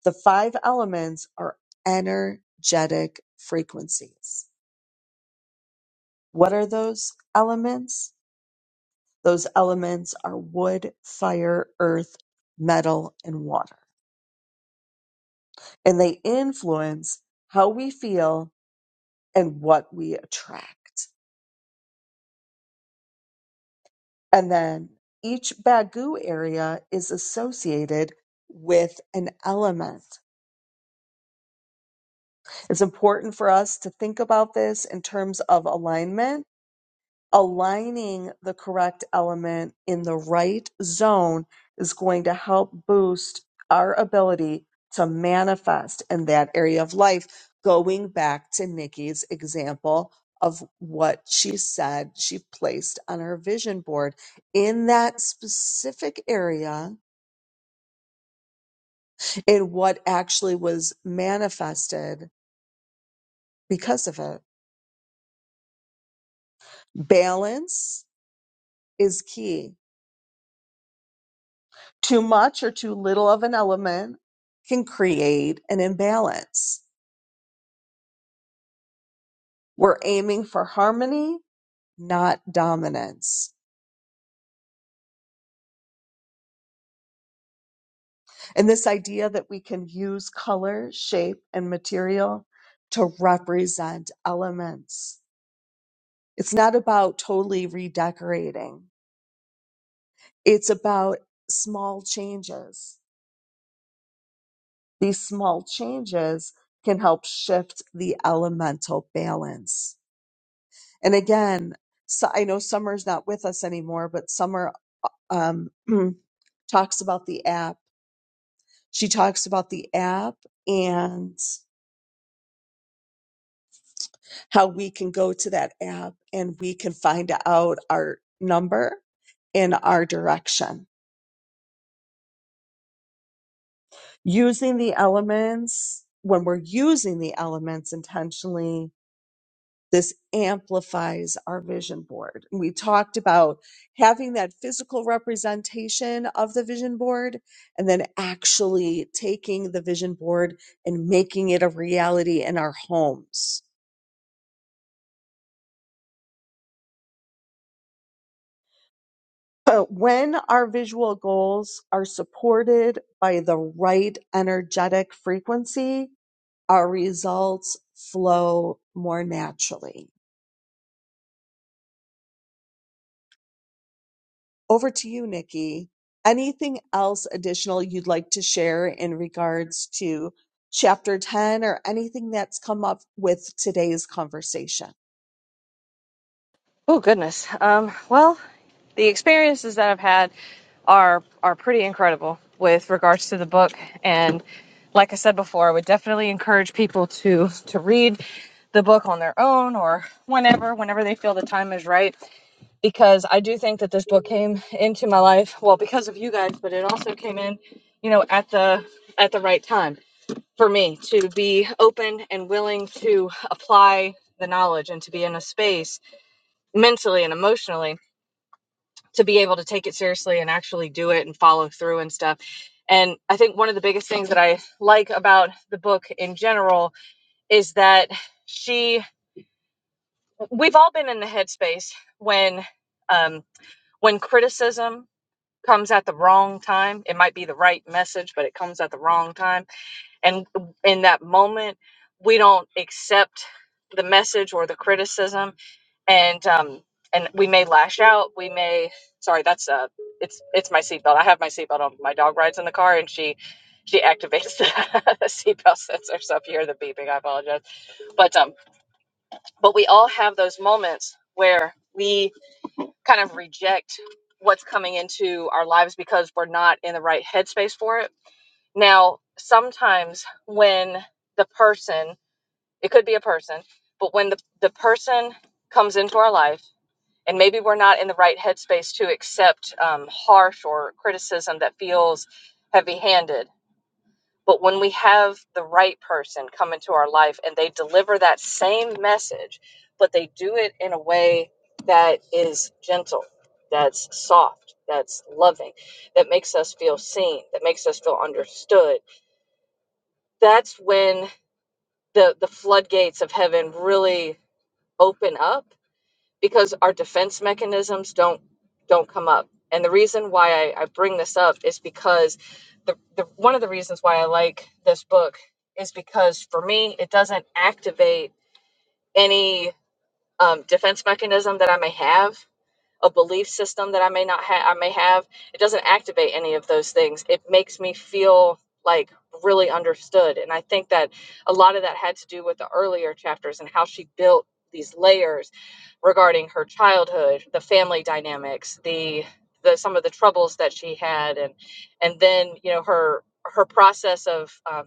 [SPEAKER 2] The five elements are energetic frequencies. What are those elements? Those elements are wood, fire, earth, metal, and water. And they influence how we feel and what we attract. And then each Bagu area is associated with an element. It's important for us to think about this in terms of alignment. Aligning the correct element in the right zone is going to help boost our ability to manifest in that area of life. Going back to Nikki's example of what she said she placed on her vision board in that specific area and what actually was manifested because of it. Balance is key. Too much or too little of an element can create an imbalance. We're aiming for harmony, not dominance. And this idea that we can use color, shape, and material to represent elements. It's not about totally redecorating. It's about small changes. These small changes can help shift the elemental balance. And again, so I know Summer's not with us anymore, but Summer um, talks about the app. She talks about the app and how we can go to that app and we can find out our number in our direction using the elements when we're using the elements intentionally this amplifies our vision board. we talked about having that physical representation of the vision board and then actually taking the vision board and making it a reality in our homes. But when our visual goals are supported by the right energetic frequency, our results flow more naturally. Over to you, Nikki. Anything else additional you'd like to share in regards to chapter 10 or anything that's come up with today's conversation?
[SPEAKER 4] Oh goodness. Um, well, the experiences that I've had are are pretty incredible with regards to the book, and like I said before, I would definitely encourage people to to read the book on their own or whenever whenever they feel the time is right. because I do think that this book came into my life well because of you guys, but it also came in, you know, at the at the right time for me to be open and willing to apply the knowledge and to be in a space mentally and emotionally to be able to take it seriously and actually do it and follow through and stuff. And I think one of the biggest things that I like about the book in general is that she we've all been in the headspace when um when criticism comes at the wrong time. It might be the right message, but it comes at the wrong time. And in that moment, we don't accept the message or the criticism, and um, and we may lash out. We may sorry, that's uh, it's it's my seatbelt. I have my seatbelt on. My dog rides in the car, and she she activates the seatbelt sensor. So if you hear the beeping, I apologize. But um, but we all have those moments where we kind of reject what's coming into our lives because we're not in the right headspace for it. Now, sometimes when the person, it could be a person, but when the, the person comes into our life, and maybe we're not in the right headspace to accept um, harsh or criticism that feels heavy handed but when we have the right person come into our life and they deliver that same message, but they do it in a way that is gentle, that's soft, that's loving, that makes us feel seen, that makes us feel understood, that's when the, the floodgates of heaven really open up because our defense mechanisms don't don't come up. And the reason why I, I bring this up is because the, the one of the reasons why I like this book is because for me it doesn't activate any um, defense mechanism that I may have a belief system that I may not have, I may have, it doesn't activate any of those things. It makes me feel like really understood. And I think that a lot of that had to do with the earlier chapters and how she built these layers regarding her childhood, the family dynamics, the the some of the troubles that she had, and and then you know her her process of um,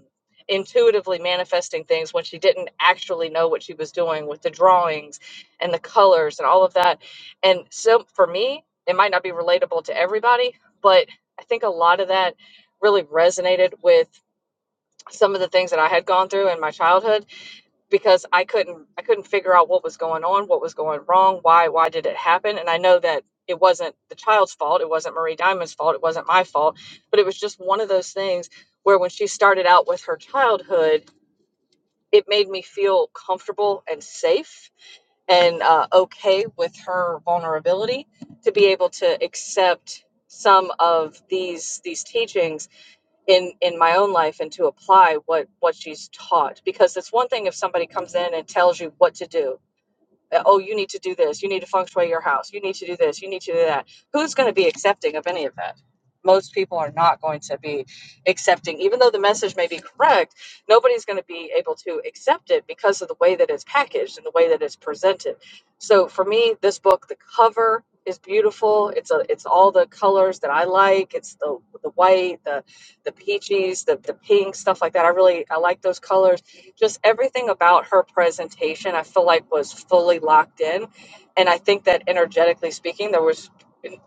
[SPEAKER 4] intuitively manifesting things when she didn't actually know what she was doing with the drawings and the colors and all of that and so for me, it might not be relatable to everybody, but I think a lot of that really resonated with some of the things that I had gone through in my childhood because I couldn't I couldn't figure out what was going on, what was going wrong, why why did it happen? And I know that it wasn't the child's fault, it wasn't Marie Diamond's fault, it wasn't my fault, but it was just one of those things where when she started out with her childhood, it made me feel comfortable and safe and uh, okay with her vulnerability to be able to accept some of these these teachings in in my own life and to apply what what she's taught because it's one thing if somebody comes in and tells you what to do uh, oh, you need to do this. You need to feng shui your house. You need to do this. You need to do that. Who's going to be accepting of any of that? Most people are not going to be accepting, even though the message may be correct, nobody's going to be able to accept it because of the way that it's packaged and the way that it's presented. So for me, this book, the cover is beautiful. It's a, it's all the colors that I like. It's the the white, the the peaches, the the pink, stuff like that. I really I like those colors just everything about her presentation i feel like was fully locked in and i think that energetically speaking there was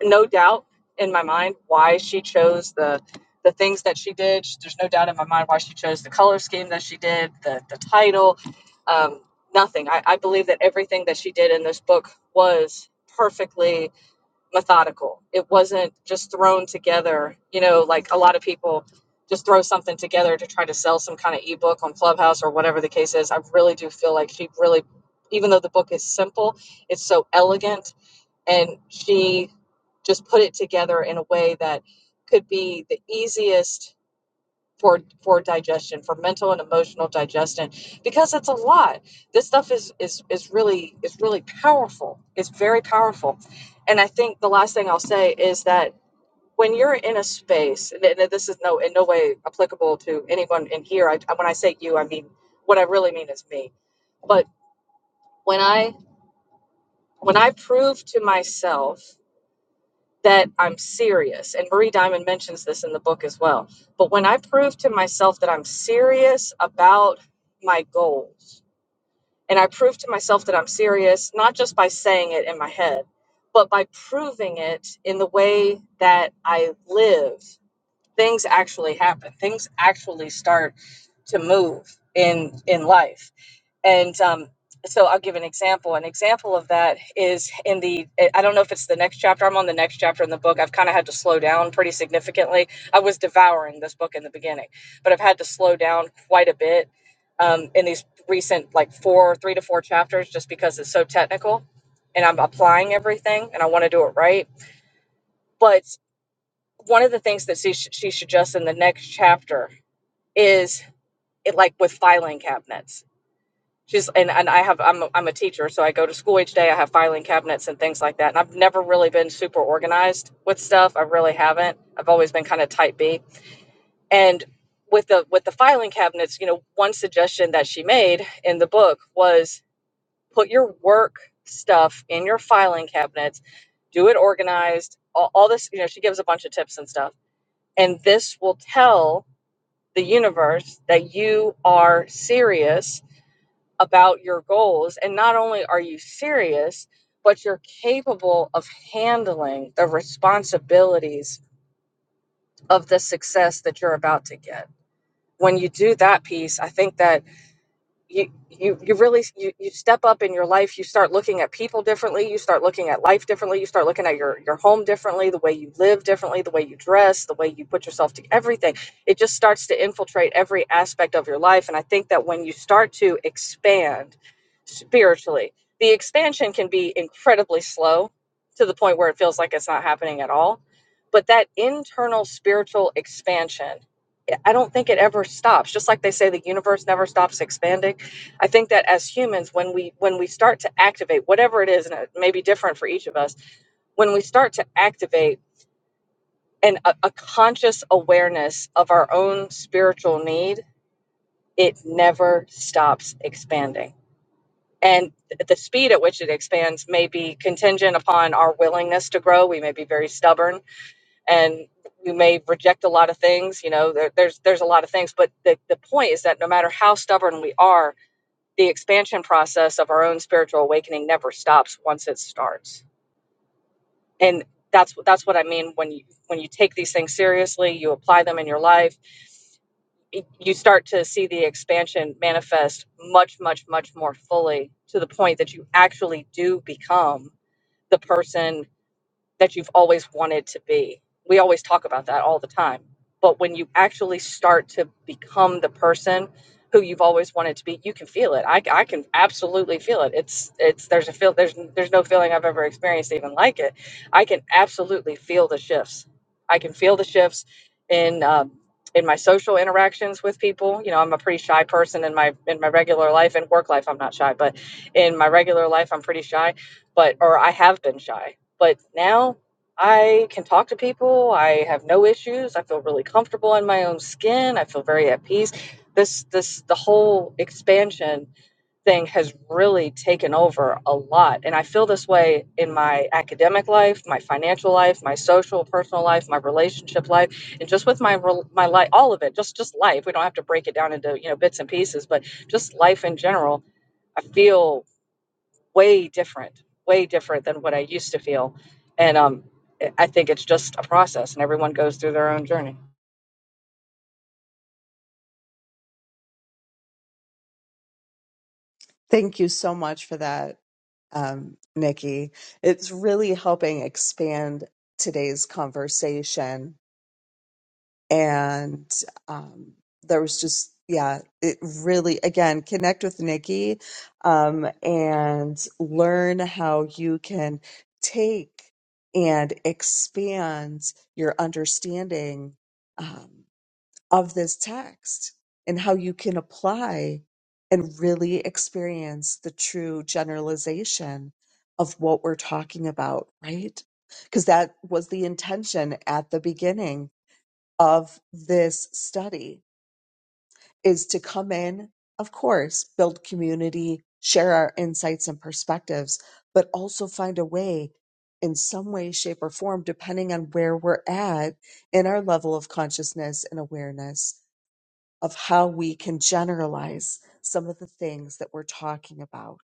[SPEAKER 4] no doubt in my mind why she chose the the things that she did there's no doubt in my mind why she chose the color scheme that she did the the title um, nothing I, I believe that everything that she did in this book was perfectly methodical. It wasn't just thrown together, you know, like a lot of people just throw something together to try to sell some kind of ebook on Clubhouse or whatever the case is. I really do feel like she really, even though the book is simple, it's so elegant and she just put it together in a way that could be the easiest for for digestion for mental and emotional digestion because it's a lot this stuff is is is really is really powerful it's very powerful and i think the last thing i'll say is that when you're in a space and th- this is no in no way applicable to anyone in here I, when i say you i mean what i really mean is me but when i when i prove to myself that I'm serious. And Marie Diamond mentions this in the book as well. But when I prove to myself that I'm serious about my goals, and I prove to myself that I'm serious, not just by saying it in my head, but by proving it in the way that I live, things actually happen. Things actually start to move in in life and um, so I'll give an example. An example of that is in the, eh, I don't know if it's the next chapter. I'm on the next chapter in the book. I've kind of had to slow down pretty significantly. I was devouring this book in the beginning, but I've had to slow down quite a bit um, in these recent, like four, three to four chapters, just because it's so technical and I'm applying everything and I want to do it right. But one of the things that she, she suggests in the next chapter is it like with filing cabinets She's and, and I have I'm a, I'm a teacher, so I go to school each day. I have filing cabinets and things like that. And I've never really been super organized with stuff. I really haven't. I've always been kind of type B. And with the with the filing cabinets, you know, one suggestion that she made in the book was put your work stuff in your filing cabinets, do it organized, all, all this, you know, she gives a bunch of tips and stuff. And this will tell the universe that you are serious about your goals. And not only are you serious, but you're capable of handling the responsibilities of the success that you're about to get. When you do that piece, I think that you you you really you, you step up in your life you start looking at people differently you start looking at life differently you start looking at your your home differently the way you live differently the way you dress the way you put yourself to everything it just starts to infiltrate every aspect of your life and i think that when you start to expand spiritually the expansion can be incredibly slow to the point where it feels like it's not happening at all but that internal spiritual expansion I don't think it ever stops. Just like they say the universe never stops expanding. I think that as humans when we when we start to activate whatever it is and it may be different for each of us, when we start to activate an a, a conscious awareness of our own spiritual need, it never stops expanding. And th- the speed at which it expands may be contingent upon our willingness to grow. We may be very stubborn and we may reject a lot of things you know there, there's there's a lot of things but the, the point is that no matter how stubborn we are the expansion process of our own spiritual awakening never stops once it starts and that's that's what i mean when you when you take these things seriously you apply them in your life you start to see the expansion manifest much much much more fully to the point that you actually do become the person that you've always wanted to be. We always talk about that all the time. But when you actually start to become the person who you've always wanted to be, you can feel it. I, I can absolutely feel it. It's it's there's a feel there's there's no feeling I've ever experienced even like it. I can absolutely feel the shifts. I can feel the shifts in um, in my social interactions with people. You know, I'm a pretty shy person in my in my regular life and work life. I'm not shy, but in my regular life, I'm pretty shy. But or I have been shy but now I can talk to people. I have no issues. I feel really comfortable in my own skin. I feel very at peace. This this the whole expansion thing has really taken over a lot. And I feel this way in my academic life, my financial life, my social personal life, my relationship life, and just with my rel- my life all of it, just just life. We don't have to break it down into, you know, bits and pieces, but just life in general. I feel way different, way different than what I used to feel. And um, I think it's just a process, and everyone goes through their own journey.
[SPEAKER 2] Thank you so much for that, um, Nikki. It's really helping expand today's conversation. and um, there was just yeah it really again connect with nikki um, and learn how you can take and expand your understanding um, of this text and how you can apply and really experience the true generalization of what we're talking about right because that was the intention at the beginning of this study is to come in, of course, build community, share our insights and perspectives, but also find a way in some way, shape, or form, depending on where we're at in our level of consciousness and awareness of how we can generalize some of the things that we're talking about.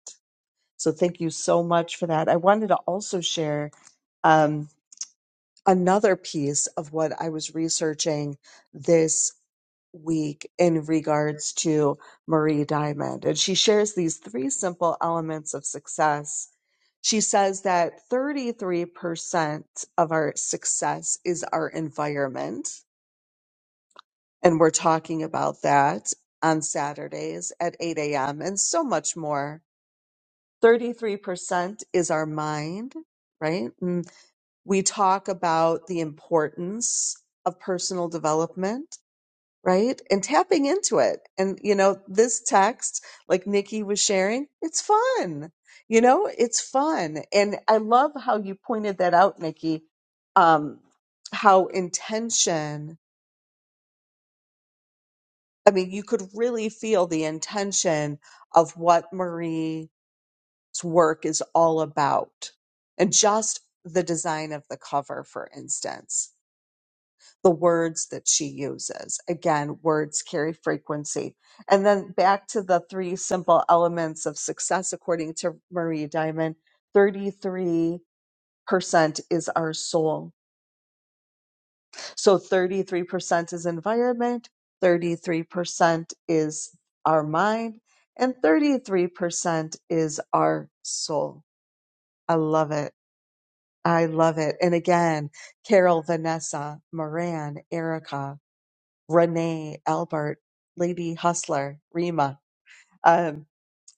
[SPEAKER 2] So, thank you so much for that. I wanted to also share um, another piece of what I was researching this week in regards to Marie Diamond. And she shares these three simple elements of success. She says that 33% of our success is our environment. And we're talking about that on Saturdays at 8 a.m. and so much more. 33% is our mind, right? And we talk about the importance of personal development right? And tapping into it. And, you know, this text, like Nikki was sharing, it's fun. You know, it's fun. And I love how you pointed that out, Nikki, um, how intention, I mean, you could really feel the intention of what Marie's work is all about. And just the design of the cover, for instance. the words that she uses. Again, words carry frequency. And then back to the three simple elements of success, according to Marie Diamond 33% is our soul. So 33% is environment, 33% is our mind, and 33% is our soul. I love it. I love it. And again, Carol, Vanessa, Moran, Erica, Renee, Albert, Lady Hustler, Rima, um,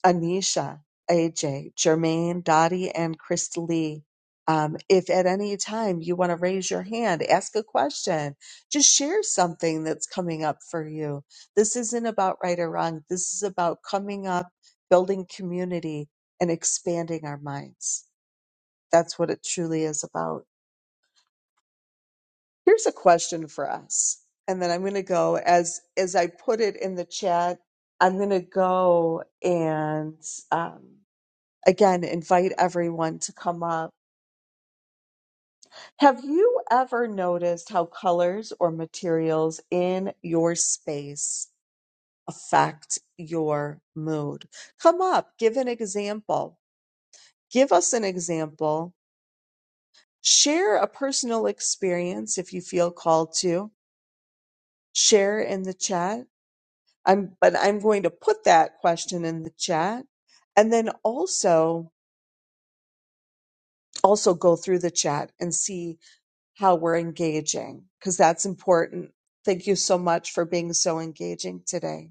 [SPEAKER 2] Anisha, AJ, Jermaine, Dottie, and Crystal Lee. Um, if at any time you want to raise your hand, ask a question, just share something that's coming up for you. This isn't about right or wrong. This is about coming up, building community, and expanding our minds. That's what it truly is about. Here's a question for us. And then I'm going to go as as I put it in the chat, I'm going to go and um, again invite everyone to come up. Have you ever noticed how colors or materials in your space affect your mood? Come up, give an example. Give us an example. Share a personal experience if you feel called to. Share in the chat I'm but I'm going to put that question in the chat and then also also go through the chat and see how we're engaging because that's important. Thank you so much for being so engaging today.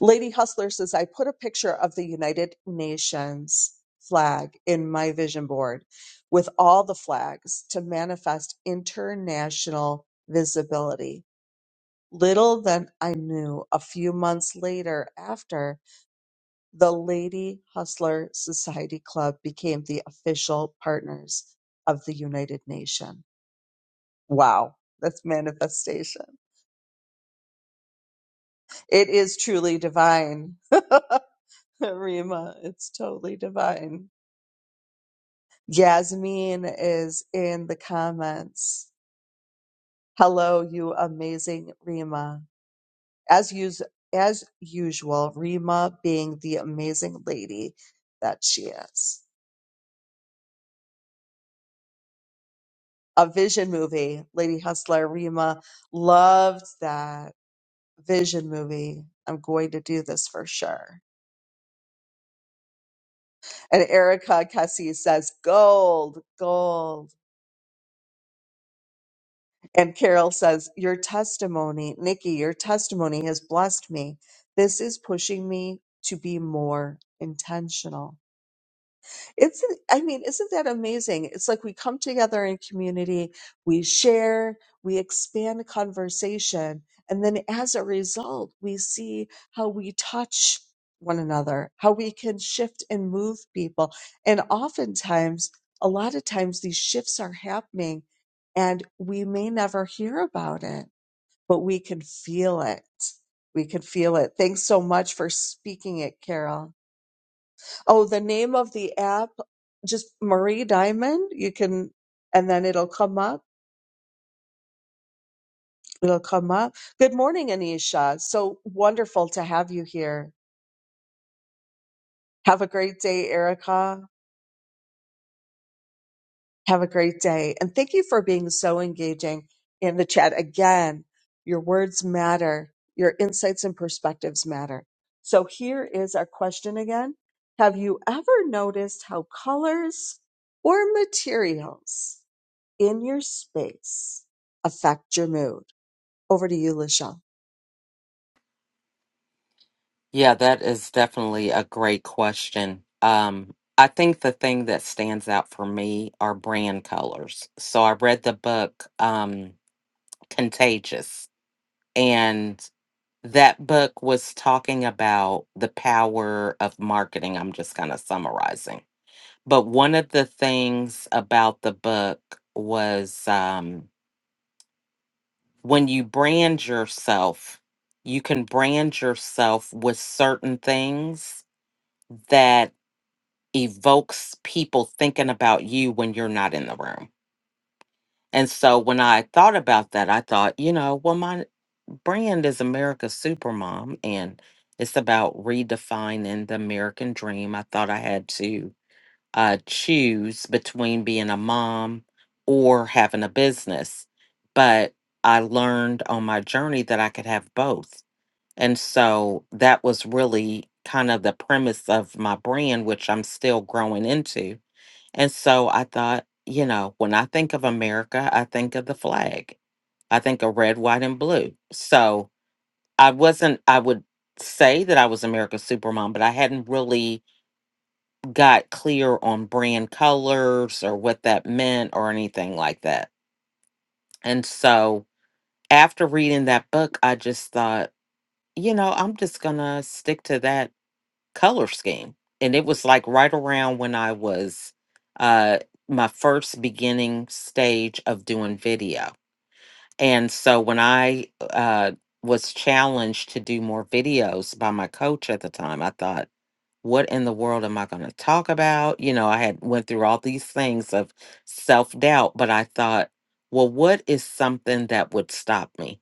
[SPEAKER 2] Lady Hustler says I put a picture of the United Nations flag in my vision board with all the flags to manifest international visibility. Little then I knew a few months later after The Lady Hustler Society Club became the official partners of the United Nations. Wow, that's manifestation. It is truly divine. Rima, it's totally divine. Yasmin is in the comments. Hello, you amazing Rima. As us- as usual, Rima being the amazing lady that she is. a Vision movie. Lady Hustler Rima loved that Vision movie. I'm going to do this for sure. And Erica Kessie says, gold, gold. And Carol says, your testimony, Nikki, your testimony has blessed me. This is pushing me to be more intentional. It's, I mean, isn't that amazing? It's like we come together in community, we share, we expand conversation, and then as a result, we see how we touch one another, how we can shift and move people. And oftentimes, a lot of times, these shifts are happening and we may never hear about it, but we can feel it. We can feel it. Thanks so much for speaking it, Carol. Oh, the name of the app, just Marie Diamond. You can, and then it'll come up. It'll come up. Good morning, Anisha. So wonderful to have you here. Have a great day, Erica. Have a great day. And thank you for being so engaging in the chat. Again, your words matter, your insights and perspectives matter. So here is our question again Have you ever noticed how colors or materials? in your space affect your mood. Over to you, Lachelle.
[SPEAKER 1] Yeah, that is definitely a great question. Um, I think the thing that stands out for me are brand colors. So I read the book um, Contagious, and that book was talking about the power of marketing. I'm just kind of summarizing But one of the things about the book was um, when you brand yourself, you can brand yourself with certain things that evokes people thinking about you when you're not in the room. And so when I thought about that, I thought, you know, well, my brand is America's Supermom, and it's about redefining the American dream. I thought I had to uh, choose between being a mom or having a business. But I learned on my journey that I could have both. And so that was really kind of the premise of my brand, which I'm still growing into. And so I thought, you know, when I think of America, I think of the flag, I think of red, white, and blue. So I wasn't, I would say that I was America's Supermom, but I hadn't really got clear on brand colors or what that meant or anything like that. And so after reading that book, I just thought, you know, I'm just going to stick to that color scheme. And it was like right around when I was uh, my first beginning stage of doing video. And so when I uh, was challenged to do more videos by my coach at the time, I thought, what in the world am I going to talk about? You know, I had went through all these things of self-doubt, but I thought, well, what is something that would stop me?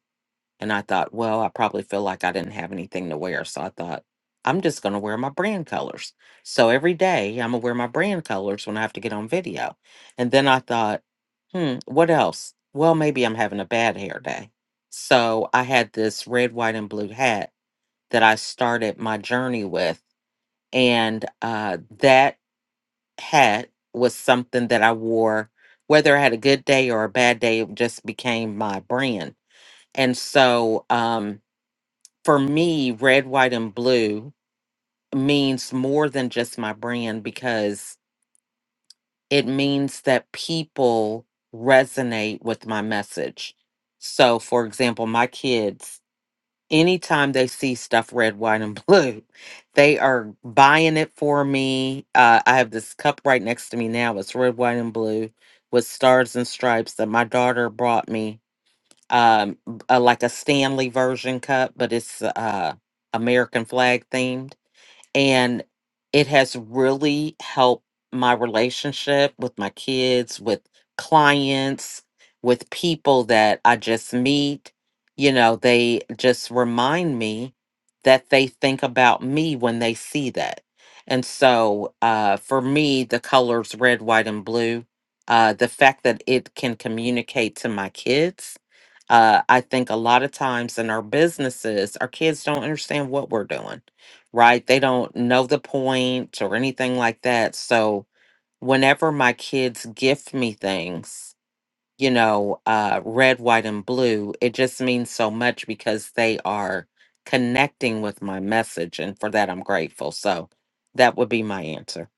[SPEAKER 1] And I thought, well, I probably feel like I didn't have anything to wear, so I thought I'm just going to wear my brand colors. So every day I'm going to wear my brand colors when I have to get on video. And then I thought, hmm, what else? Well, maybe I'm having a bad hair day. So I had this red, white, and blue hat that I started my journey with and uh, that hat was something that I wore, whether I had a good day or a bad day. It just became my brand, and so um, for me, red, white, and blue means more than just my brand because it means that people resonate with my message. So, for example, my kids anytime they see stuff red, white, and blue, they are buying it for me. Uh, I have this cup right next to me now. It's red, white, and blue with stars and stripes that my daughter brought me. Um, b- uh, like a Stanley version cup, but it's uh American flag themed and it has really helped my relationship with my kids with clients with people that i just meet you know they just remind me that they think about me when they see that and so uh, for me the colors red white and blue uh, the fact that it can communicate to my kids uh, i think a lot of times in our businesses our kids don't understand what we're doing right? They don't know the point or anything like that. So whenever my kids gift me things, you know, uh, red, white, and blue, it just means so much because they are connecting with my message. And for that, I'm grateful. So that would be my answer.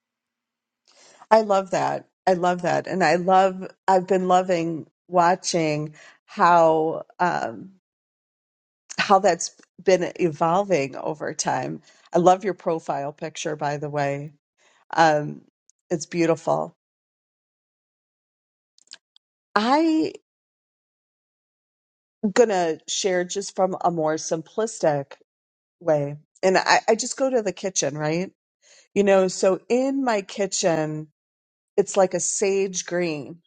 [SPEAKER 2] I love that. I love that. And I love, I've been loving watching how, um, how that's been evolving over time. I love your profile picture, by the way. Um, it's beautiful. I gonna share just from a more simplistic way. And I, I just go to the kitchen, right? You know, so in my kitchen, it's like a sage green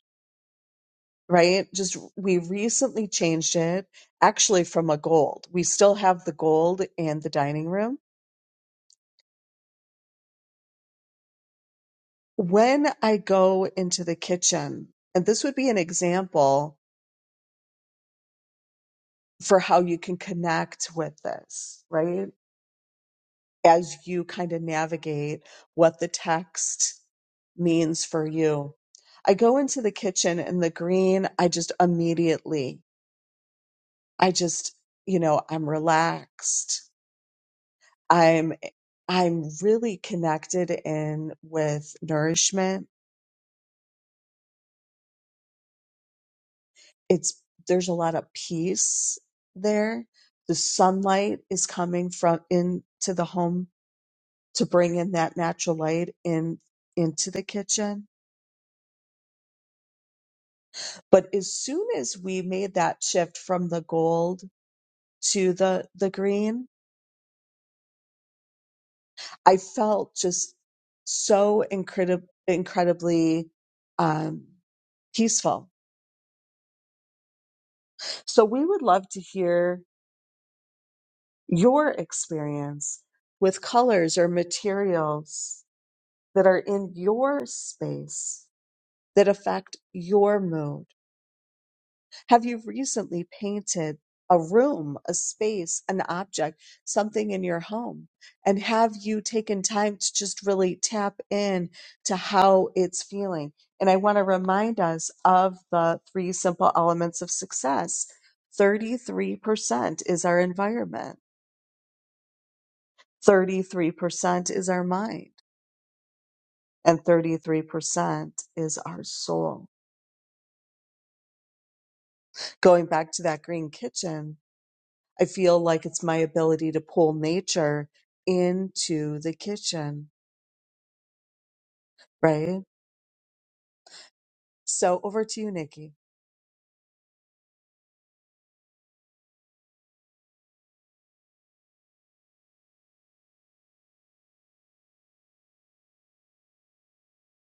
[SPEAKER 2] right? Just we recently changed it actually from a gold. We still have the gold in the dining room. When I go into the kitchen, and this would be an example for how you can connect with this, right? As you kind of navigate what the text means for you. I go into the kitchen and the green, I just immediately, I just, you know, I'm relaxed. I'm I'm really connected in with nourishment. It's there's a lot of peace there. The sunlight is coming from into the home to bring in that natural light in into the kitchen. But as soon as we made that shift from the gold to the the green, I felt just so incredib- incredibly um, peaceful. So we would love to hear your experience with colors or materials that are in your space that affect your mood? Have you recently painted a room, a space, an object, something in your home? And have you taken time to just really tap in to how it's feeling? And I want to remind us of the three simple elements of success. 33% is our environment. 33% is our mind and 33% is our soul. Going back to that green kitchen, I feel like it's my ability to pull nature into the kitchen, right? So over to you, Nikki.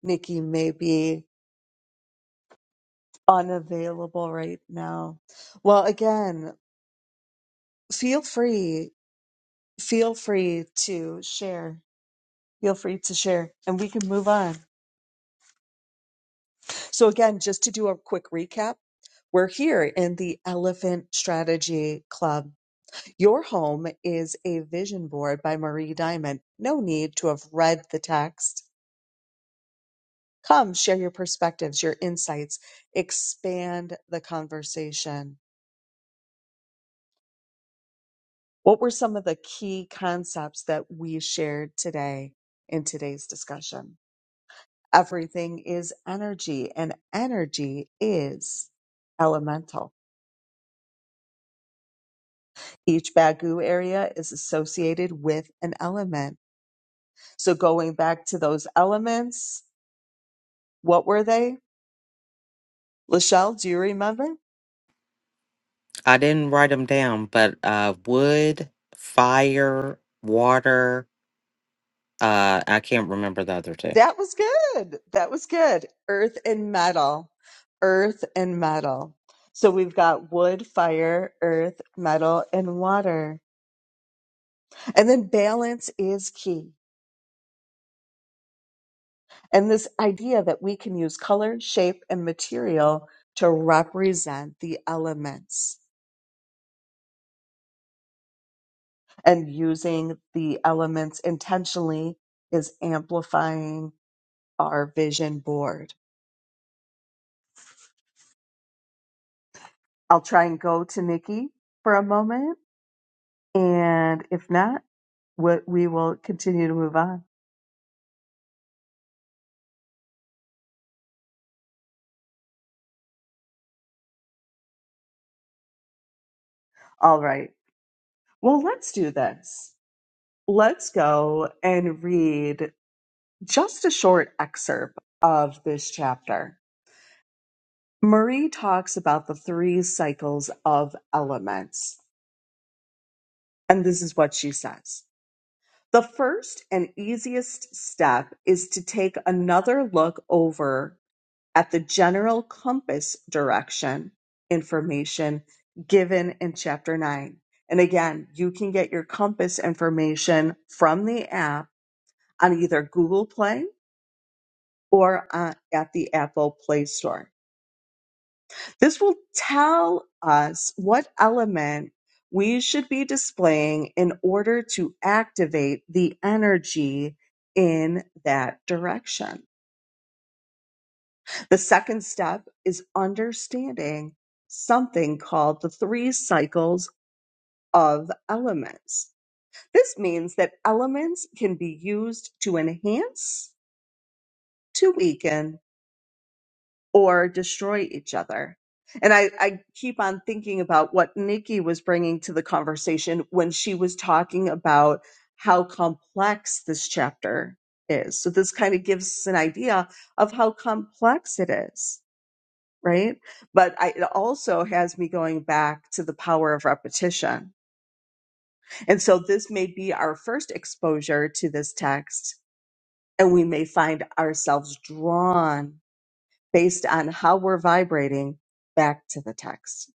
[SPEAKER 2] Nikki may be unavailable right now. Well, again, feel free, feel free to share. Feel free to share and we can move on. So, again, just to do a quick recap, we're here in the Elephant Strategy Club. Your home is a vision board by Marie Diamond. No need to have read the text. Come share your perspectives, your insights, expand the conversation. What were some of the key concepts that we shared today in today's discussion? Everything is energy, and energy is elemental Each Bagu area is associated with an element. So going back to those elements, what were they? Lachelle, do you remember?
[SPEAKER 1] I didn't write them down, but uh, wood, fire, water, uh, I can't remember the other two.
[SPEAKER 2] That was good. That was good. Earth and metal. Earth and metal. So we've got wood, fire, earth, metal, and water. And then balance is key. And this idea that we can use color, shape, and material to represent the elements. and using the elements intentionally is amplifying our vision board. I'll try and go to Nikki for a moment. And if not, what we will continue to move on. All right. Well, let's do this. Let's go and read just a short excerpt of this chapter. Marie talks about the three cycles of elements. And this is what she says. The first and easiest step is to take another look over at the general compass direction information given in Chapter 9. And again, you can get your compass information from the app on either Google Play or uh, at the Apple Play Store. This will tell us what element we should be displaying in order to activate the energy in that direction. The second step is understanding something called the three cycles of elements. This means that elements can be used to enhance, to weaken, or destroy each other. And I, I keep on thinking about what Nikki was bringing to the conversation when she was talking about how complex this chapter is. So this kind of gives us an idea of how complex it is, right? But I, it also has me going back to the power of repetition. And so this may be our first exposure to this text, and we may find ourselves drawn based on how we're vibrating back to the text.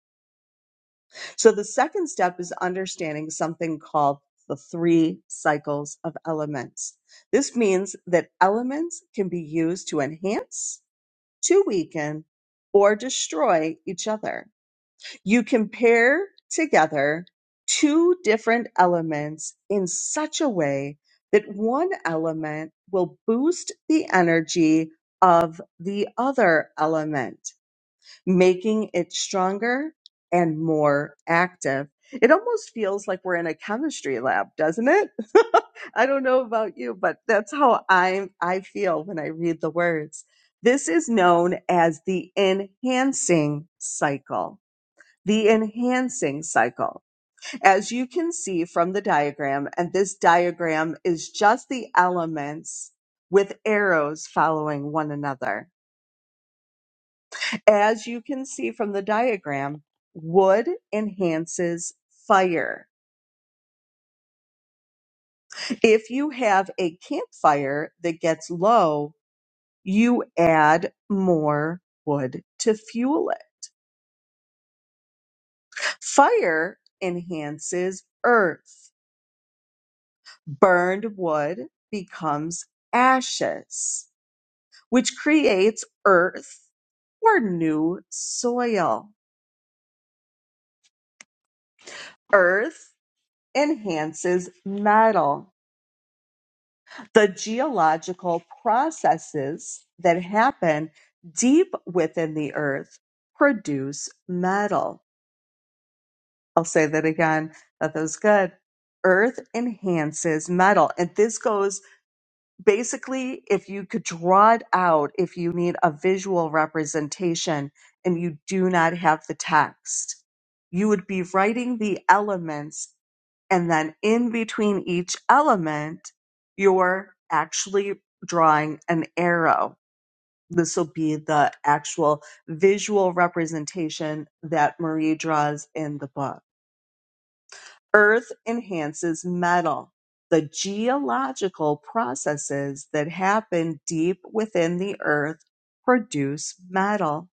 [SPEAKER 2] So the second step is understanding something called the three cycles of elements. This means that elements can be used to enhance, to weaken, or destroy each other. You can pair together two different elements in such a way that one element will boost the energy of the other element making it stronger and more active. It almost feels like we're in a chemistry lab, doesn't it? I don't know about you, but that's how I I feel when I read the words. This is known as the enhancing cycle. The enhancing cycle. As you can see from the diagram, and this diagram is just the elements with arrows following one another as you can see from the diagram, wood enhances fire. If you have a campfire that gets low, you add more wood to fuel it. Fire enhances earth. Burned wood becomes ashes, which creates earth or new soil. Earth enhances metal the geological processes that happen deep within the earth produce metal. I'll say that again. That was good. Earth enhances metal. And this goes basically, if you could draw it out, if you need a visual representation and you do not have the text, you would be writing the elements and then in between each element, you're actually drawing an arrow. This will be the actual visual representation that Marie draws in the book. Earth enhances metal. The geological processes that happen deep within the earth produce metal.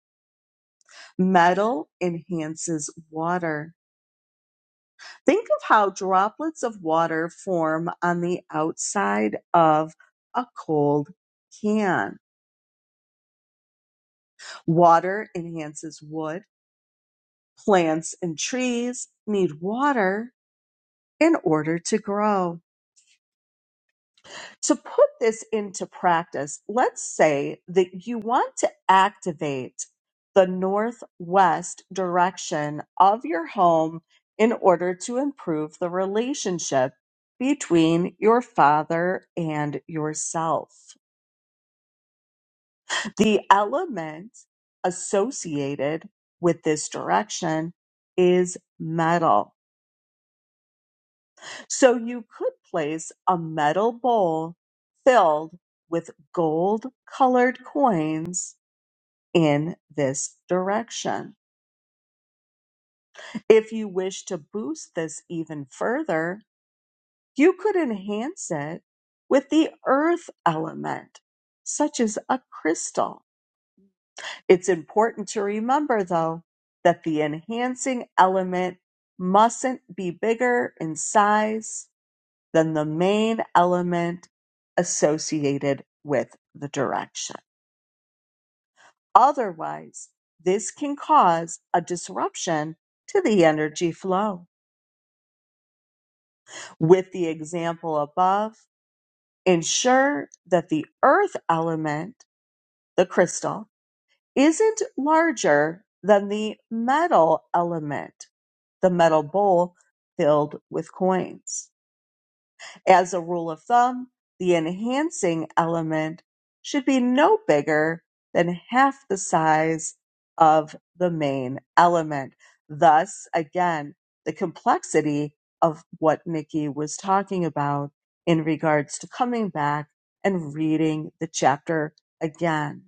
[SPEAKER 2] Metal enhances water Think of how droplets of water form on the outside of a cold can. Water enhances wood. Plants and trees need water in order to grow. To put this into practice, let's say that you want to activate the northwest direction of your home in order to improve the relationship between your father and yourself. The element associated with this direction is metal. So you could place a metal bowl filled with gold colored coins in this direction. If you wish to boost this even further, you could enhance it with the earth element, such as a crystal. It's important to remember, though, that the enhancing element mustn't be bigger in size than the main element associated with the direction. Otherwise, this can cause a disruption to the energy flow. With the example above, ensure that the earth element, the crystal, isn't larger than the metal element, the metal bowl filled with coins. As a rule of thumb, the enhancing element should be no bigger than half the size of the main element. Thus, again, the complexity of what Nikki was talking about in regards to coming back and reading the chapter again.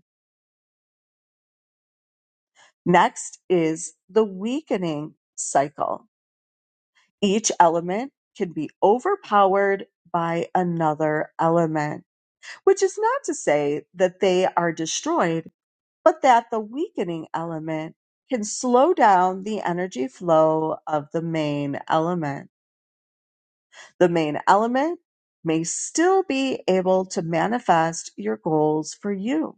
[SPEAKER 2] Next is the weakening cycle. Each element can be overpowered by another element which is not to say that they are destroyed, but that the weakening element can slow down the energy flow of the main element. The main element may still be able to manifest your goals for you,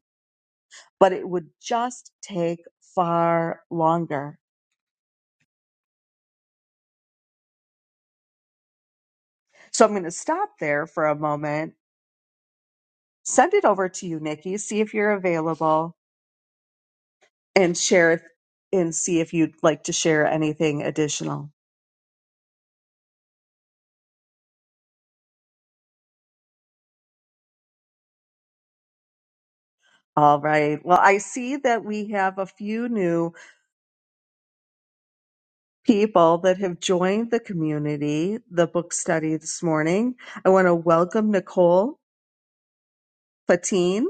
[SPEAKER 2] but it would just take far longer. So I'm going to stop there for a moment, send it over to you, Nikki, see if you're available, and share it and see if you'd like to share anything additional. All right. Well, I see that we have a few new people that have joined the community, the book study this morning. I want to welcome Nicole Fatine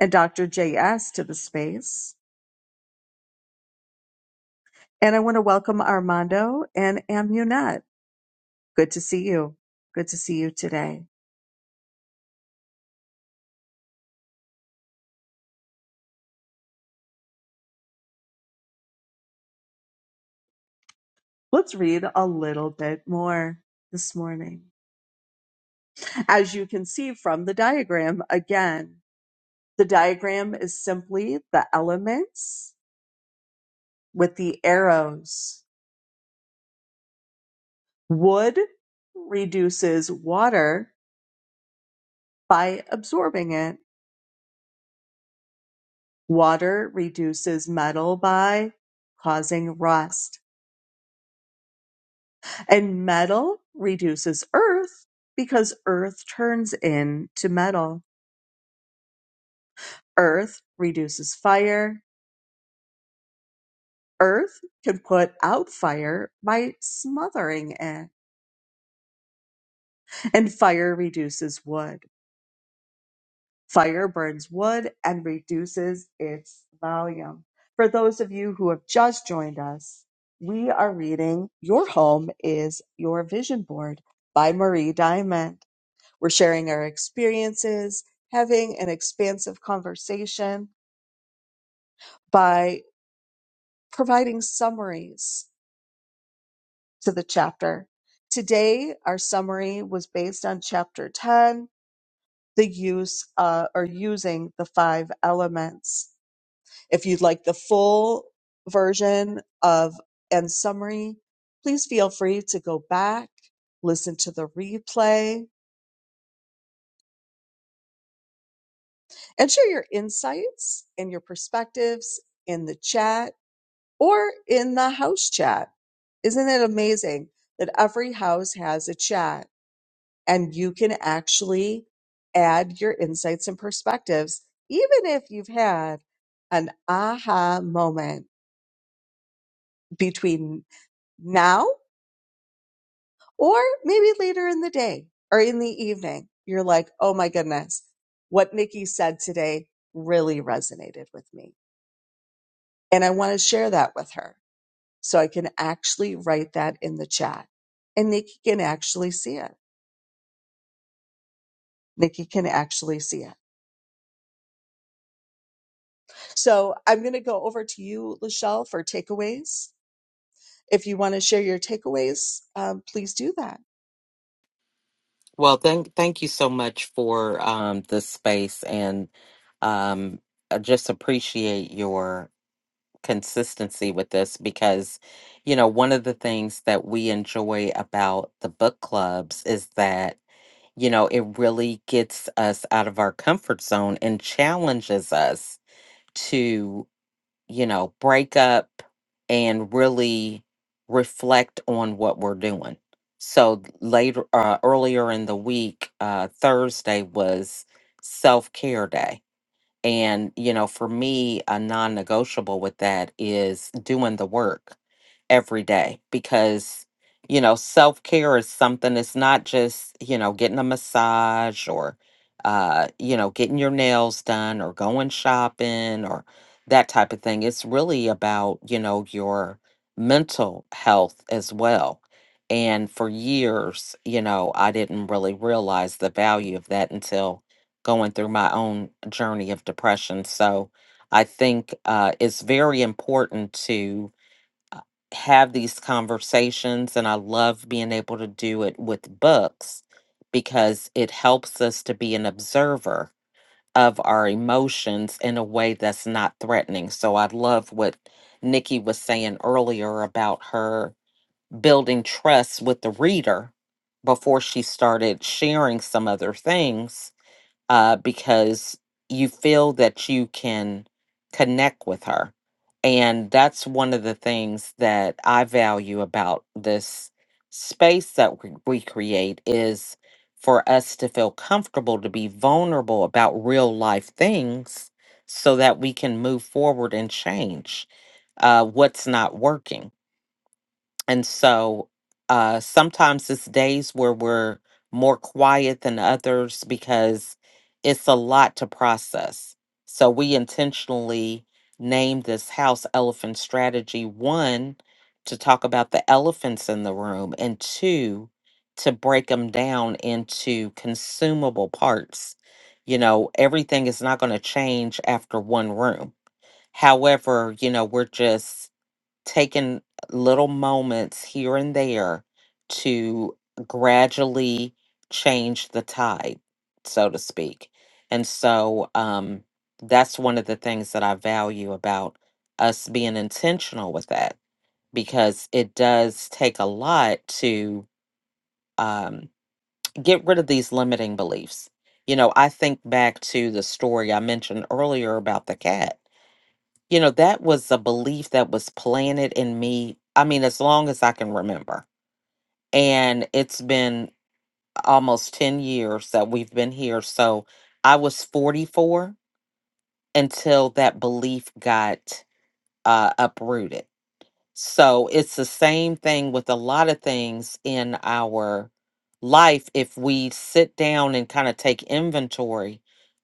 [SPEAKER 2] and Dr. JS to the space. And I want to welcome Armando and Amunet. Good to see you. Good to see you today. Let's read a little bit more this morning. As you can see from the diagram, again, the diagram is simply the elements with the arrows. Wood reduces water by absorbing it. Water reduces metal by causing rust. And metal reduces earth because earth turns into metal. Earth reduces fire. Earth can put out fire by smothering it. And fire reduces wood. Fire burns wood and reduces its volume. For those of you who have just joined us, we are reading Your Home is Your Vision Board by Marie Diamond. We're sharing our experiences, having an expansive conversation by providing summaries to the chapter. Today, our summary was based on chapter 10, the use uh, or using the five elements. If you'd like the full version of and summary, please feel free to go back, listen to the replay, and share your insights and your perspectives in the chat or in the house chat. Isn't it amazing that every house has a chat and you can actually add your insights and perspectives, even if you've had an aha moment between now Or maybe later in the day or in the evening, you're like, oh my goodness, what Nikki said today really resonated with me. And I want to share that with her so I can actually write that in the chat and Nikki can actually see it. Nikki can actually see it. So I'm going to go over to you, Lachelle, for takeaways. If you want to share your takeaways, um, please do that.
[SPEAKER 1] Well, thank thank you so much for um, this space, and um, I just appreciate your consistency with this because, you know, one of the things that we enjoy about the book clubs is that you know it really gets us out of our comfort zone and challenges us you know, break up and really reflect on what we're doing. So later, uh, earlier in the week, uh, Thursday was self care day and, you know, for me, a non negotiable with that is doing the work every day because, you know, self care is something, it's not just, you know, getting a massage or, uh, you know, getting your nails done or going shopping or that type of thing. It's really about, you know, your mental health as well. And for years, you know, I didn't really realize the value of that until going through my own journey of depression. So I think uh, it's very important to uh, have these conversations, and I love being able to do it with books because it helps us to be an observer of our emotions in a way that's not threatening. So I love what Nikki was saying earlier about her building trust with the reader before she started sharing some other things uh, because you feel that you can connect with her. And that's one of the things that I value about this space that we we create is for us to feel comfortable to be vulnerable about real life things so that we can move forward and change uh, what's not working and so uh, sometimes it's days where we're more quiet than others because it's a lot to process. So we intentionally named this house Elephant Strategy one, to talk about the elephants in the room, and two, to break them down into consumable parts. You know, everything is not going to change after one room. However, you know, we're just taken little moments here and there to gradually change the tide, so to speak. And so um, that's one of the things that I value about us being intentional with that because it does take a lot to um, get rid of these limiting beliefs. You know, I think back to the story I mentioned earlier about the cat you know, that was a belief that was planted in me, I mean, as long as I can remember. And it's been almost 10 years that we've been here. So I was 44 until that belief got uh, uprooted. So it's the same thing with a lot of things in our life. If we sit down and kind of take inventory,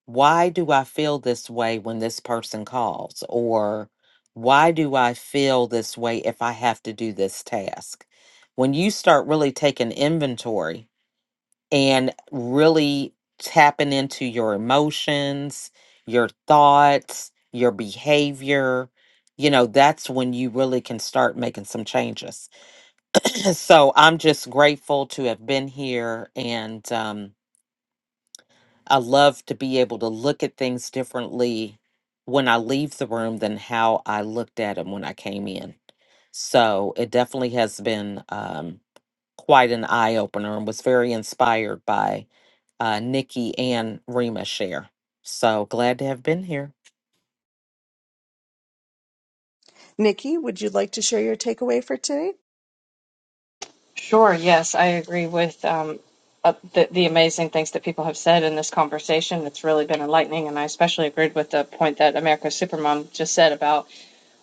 [SPEAKER 1] why do I feel this way when this person calls? Or why do I feel this way if I have to do this task? When you start really taking inventory, and really tapping into your emotions, your thoughts, your behavior, you know, that's when you really can start making some changes. So I'm just grateful to have been here. And um, I love to be able to look at things differently when I leave the room than how I looked at them when I came in. So it definitely has been um, quite an eye opener and was very inspired by uh, Nikki and Rima share. So glad to have been here.
[SPEAKER 2] Nikki, would you like to share your takeaway for today?
[SPEAKER 4] Sure, yes, I agree with um, uh, the, the amazing things that people have said in this conversation. It's really been enlightening, and I especially agreed with the point that America's Supermom just said about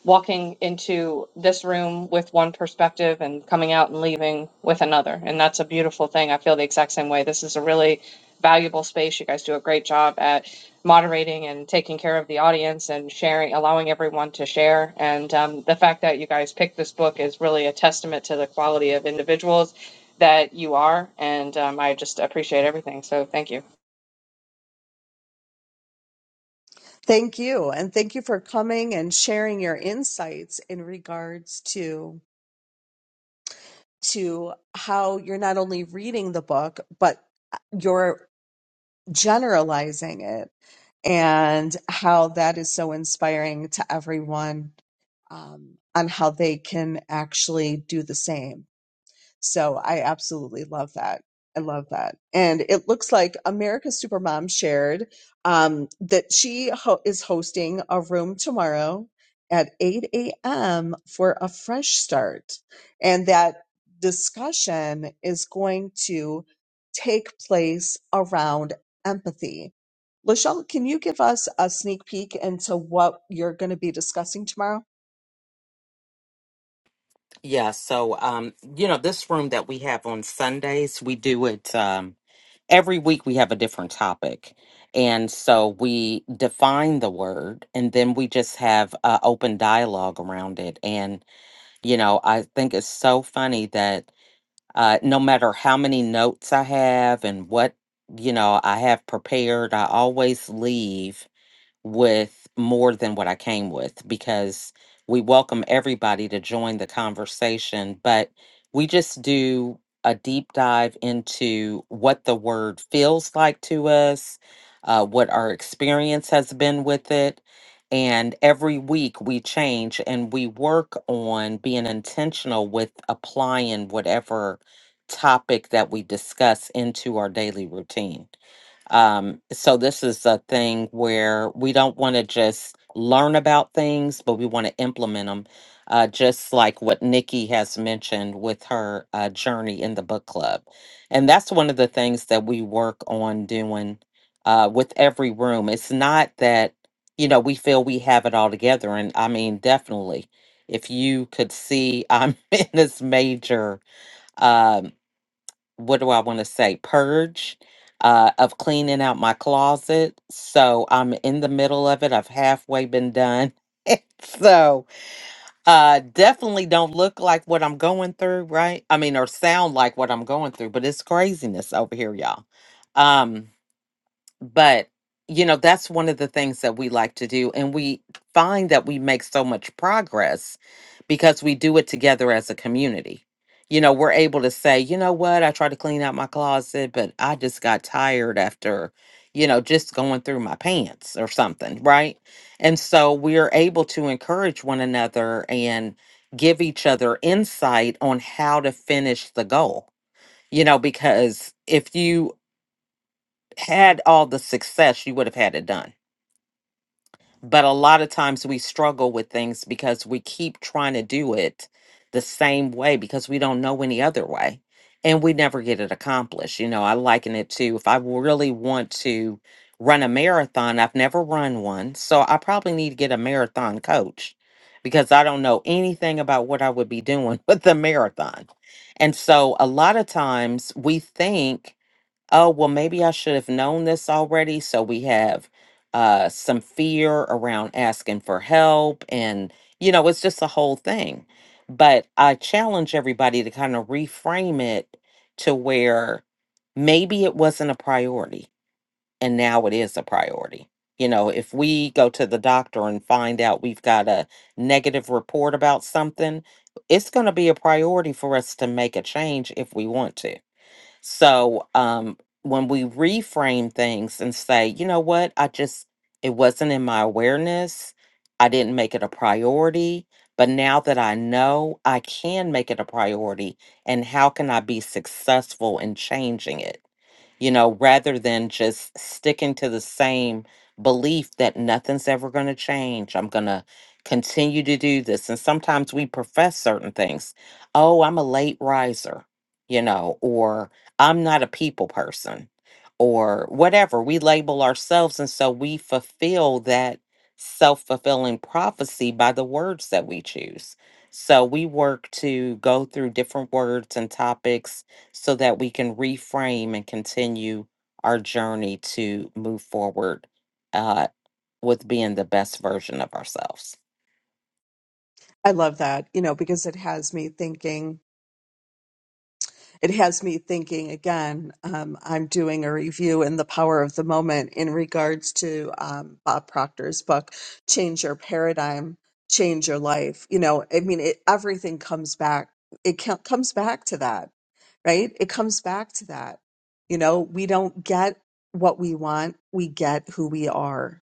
[SPEAKER 4] walking into this room with one perspective and coming out and leaving with another. And that's a beautiful thing. I feel the exact same way. This is a really valuable space. You guys do a great job at moderating and taking care of the audience and sharing, allowing everyone to share. And um, the fact that you guys picked this book is really a testament to the quality of individuals that you are. And um, I just appreciate everything. So thank you.
[SPEAKER 2] Thank you. And thank you for coming and sharing your insights in regards to to how you're not only reading the book, but uh, you're generalizing it and how that is so inspiring to everyone um, on how they can actually do the same. So I absolutely love that. I love that. And it looks like America's Supermom shared um, that she ho- is hosting a room tomorrow at 8 a.m. for a fresh start. And that discussion is going to take place around empathy. Lachelle, can you give us a sneak peek into what you're going to be discussing tomorrow?
[SPEAKER 1] Yeah. So, um, you know, this room that we have on Sundays, we do it um, every week. We have a different topic, and so we define the word, and then we just have uh, open dialogue around it. And you know, I think it's so funny that uh, no matter how many notes I have and what you know I have prepared, I always leave with more than what I came with because we welcome everybody to join the conversation, but we just do a deep dive into what the word feels like to us, uh, what our experience has been with it. And every week we change and we work on being intentional with applying whatever topic that we discuss into our daily routine. Um, so this is a thing where we don't want to just learn about things, but we want to implement them. Uh, just like what Nikki has mentioned with her uh, journey in the book club, and that's one of the things that we work on doing uh, with every room. It's not that you know we feel we have it all together, and I mean definitely, if you could see, I'm in this major. Um, what do I want to say? Purge uh, of cleaning out my closet. So I'm in the middle of it. I've halfway been done. so uh, definitely don't look like what I'm going through, right? I mean, or sound like what I'm going through, but it's craziness over here, y'all. Um, but you know that's one of the things that we like to do and we find that we make so much progress because we do it together as a community you know we're able to say you know what i tried to clean out my closet but i just got tired after you know just going through my pants or something right and so we're able to encourage one another and give each other insight on how to finish the goal you know because if you had all the success, you would have had it done. But a lot of times we struggle with things because we keep trying to do it the same way because we don't know any other way and we never get it accomplished. You know, I liken it to if I really want to run a marathon, I've never run one. So I probably need to get a marathon coach because I don't know anything about what I would be doing with the marathon. And so a lot of times we think oh well maybe i should have known this already so we have uh some fear around asking for help and you know it's just a whole thing but i challenge everybody to kind of reframe it to where maybe it wasn't a priority and now it is a priority you know if we go to the doctor and find out we've got a negative report about something it's going to be a priority for us to make a change if we want to so um, when we reframe things and say, you know what, I just, it wasn't in my awareness, I didn't make it a priority. But now that I know I can make it a priority, and how can I be successful in changing it? you know, rather than just sticking to the same belief that nothing's ever going to change. I'm going to continue to do this. And sometimes we profess certain things. Oh, I'm a late riser, you know, or I'm not a people person, or whatever. We label ourselves. And so we fulfill that self fulfilling prophecy by the words that we choose. So we work to go through different words and topics so that we can reframe and continue our journey to move forward uh, with being the best version of ourselves.
[SPEAKER 2] I love that, you know, because it has me thinking it has me thinking again. Um, I'm doing a review in the power of the moment in regards to um, Bob Proctor's book, Change Your Paradigm, Change Your Life. You know, I mean, it, everything comes back. It co- comes back to that, right? It comes back to that. You know, we don't get what we want, we get who we are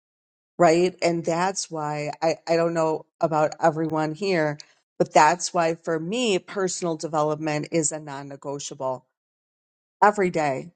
[SPEAKER 2] right? And that's why I, I don't know about everyone here, but that's why for me, personal development is a non negotiable every day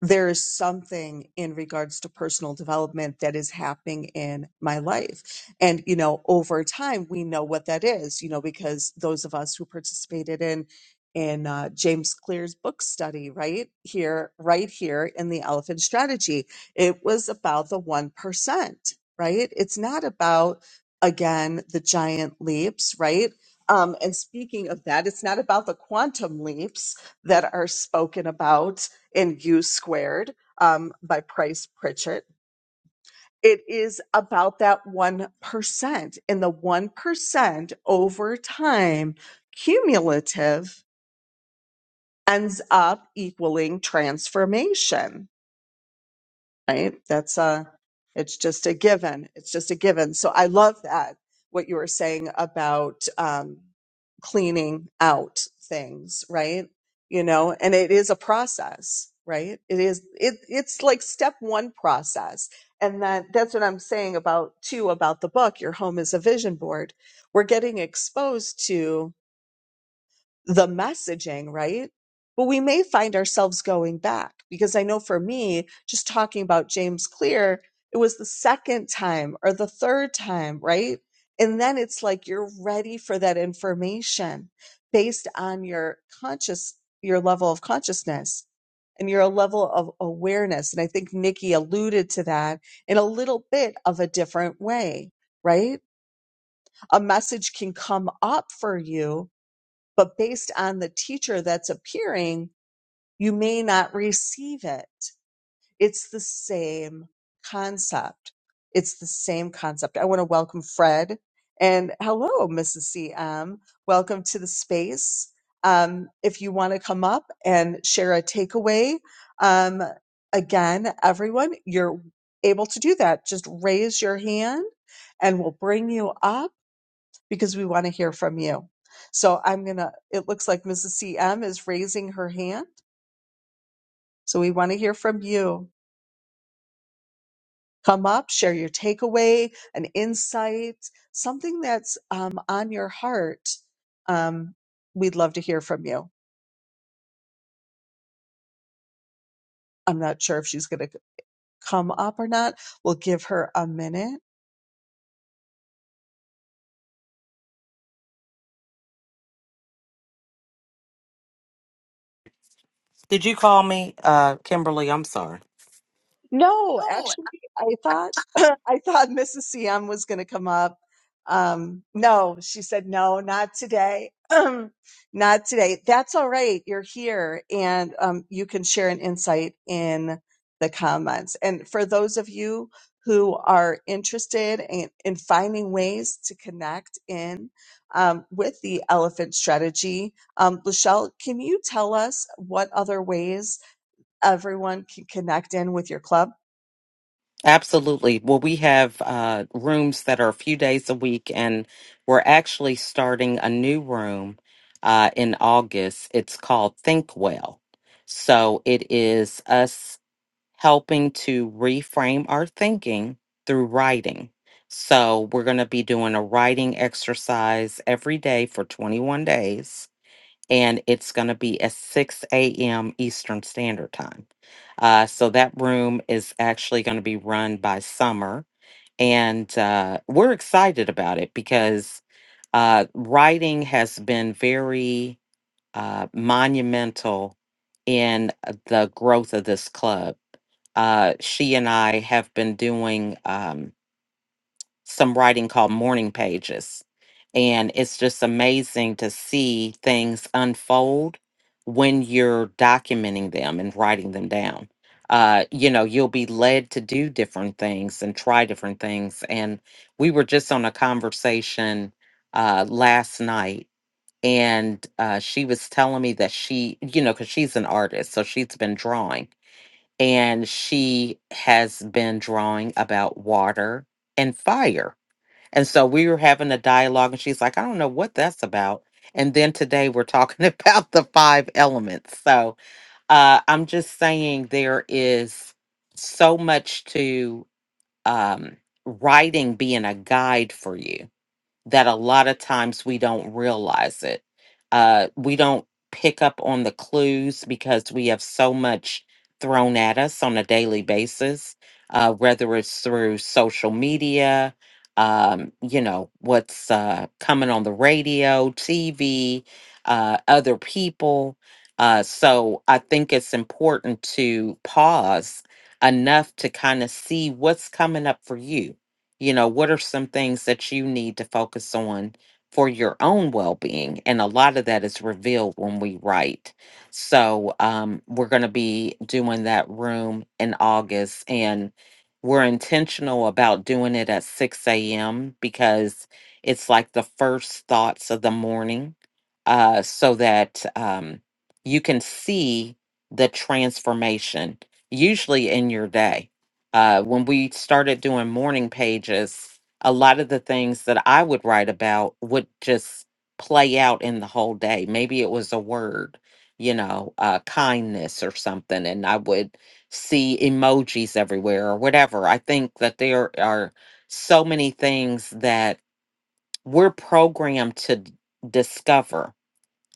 [SPEAKER 2] there is something in regards to personal development that is happening in my life. And, you know, over time, we know what that is, you know, because those of us who participated in, in uh, James Clear's book study, right here, right here in the elephant strategy, it was about the 1%, right? It's not about, again, the giant leaps, right? Um, and speaking of that, it's not about the quantum leaps that are spoken about in U Squared um, by Price Pritchett. It is about that 1%, and the 1% over time, cumulative, ends up equaling transformation right? That's uh it's just a given. It's just a given. So I love that what you were saying about um cleaning out things, right? You know, and it is a process, right? It is it it's like step 1 process. And that that's what I'm saying about too about the book, Your Home is a Vision Board. We're getting exposed to the messaging, right? But we may find ourselves going back because I know for me, just talking about James Clear, it was the second time or the third time, right? And then it's like you're ready for that information based on your conscious, your level of consciousness and your level of awareness. And I think Nikki alluded to that in a little bit of a different way, right? A message can come up for you but based on the teacher that's appearing, you may not receive it. It's the same concept. It's the same concept. I want to welcome Fred and hello, Mrs. CM. Welcome to the space. Um, if you want to come up and share a takeaway, um, again, everyone, you're able to do that. Just raise your hand and we'll bring you up because we want to hear from you. So I'm going to, it looks like Mrs. CM is raising her hand. So we want to hear from you. Come up, share your takeaway, an insight, something that's um, on your heart. Um, we'd love to hear from you. I'm not sure if she's going to come up or not. We'll give her a minute.
[SPEAKER 1] Did you call me, uh, Kimberly? I'm sorry.
[SPEAKER 2] No, actually, I thought I thought Mrs. Siam was going to come up. Um, no, she said no, not today. not today. That's all right. You're here, and um, you can share an insight in the comments. And for those of you who are interested in, in finding ways to connect in um, with the elephant strategy, um, Lachelle, can you tell us what other ways everyone can connect in with your club?
[SPEAKER 1] Absolutely. Well, we have uh, rooms that are a few days a week, and we're actually starting a new room uh, in August. It's called Think Well. So it is us helping to reframe our thinking through writing. So we're going to be doing a writing exercise every day for 21 days and it's going to be at 6 a.m. Eastern Standard Time. Uh, so that room is actually going to be run by Summer, and uh, we're excited about it because uh, writing has been very uh, monumental in uh, the growth of this club. Uh, she and I have been doing. Um, some writing called Morning Pages. And it's just amazing to see things unfold when you're documenting them and writing them down. Uh, you know, you'll be led to do different things and try different things. And we were just on a conversation uh, last night, and uh, she was telling me that she, you know, because she's an artist, so she's been drawing. And she has been drawing about water and fire and so we were having a dialogue, and she's like, I don't know what that's about. And then today we're talking about the five elements. So uh, I'm just saying there is so much to um, writing being a guide for you that a lot of times we don't realize it. Uh, we don't pick up on the clues because we have so much thrown at us on a daily basis, uh, whether it's through social media, um, you know, what's uh, coming on the radio, TV, uh, other people. Uh, so I think it's important to pause enough to kind of see what's coming up for you you know, what are some things that you need to focus on for your own well being? And a lot of that is revealed when we write. So, um, we're going to be doing that room in August, and we're intentional about doing it at 6 a.m. because it's like the first thoughts of the morning, uh, so that um, you can see the transformation usually in your day uh, when we started doing morning pages, a lot of the things that I would write about would just play out in the whole day. Maybe it was a word, you know, uh, kindness or something, and I would see emojis everywhere or whatever. I think that there are so many things that we're programmed to d- discover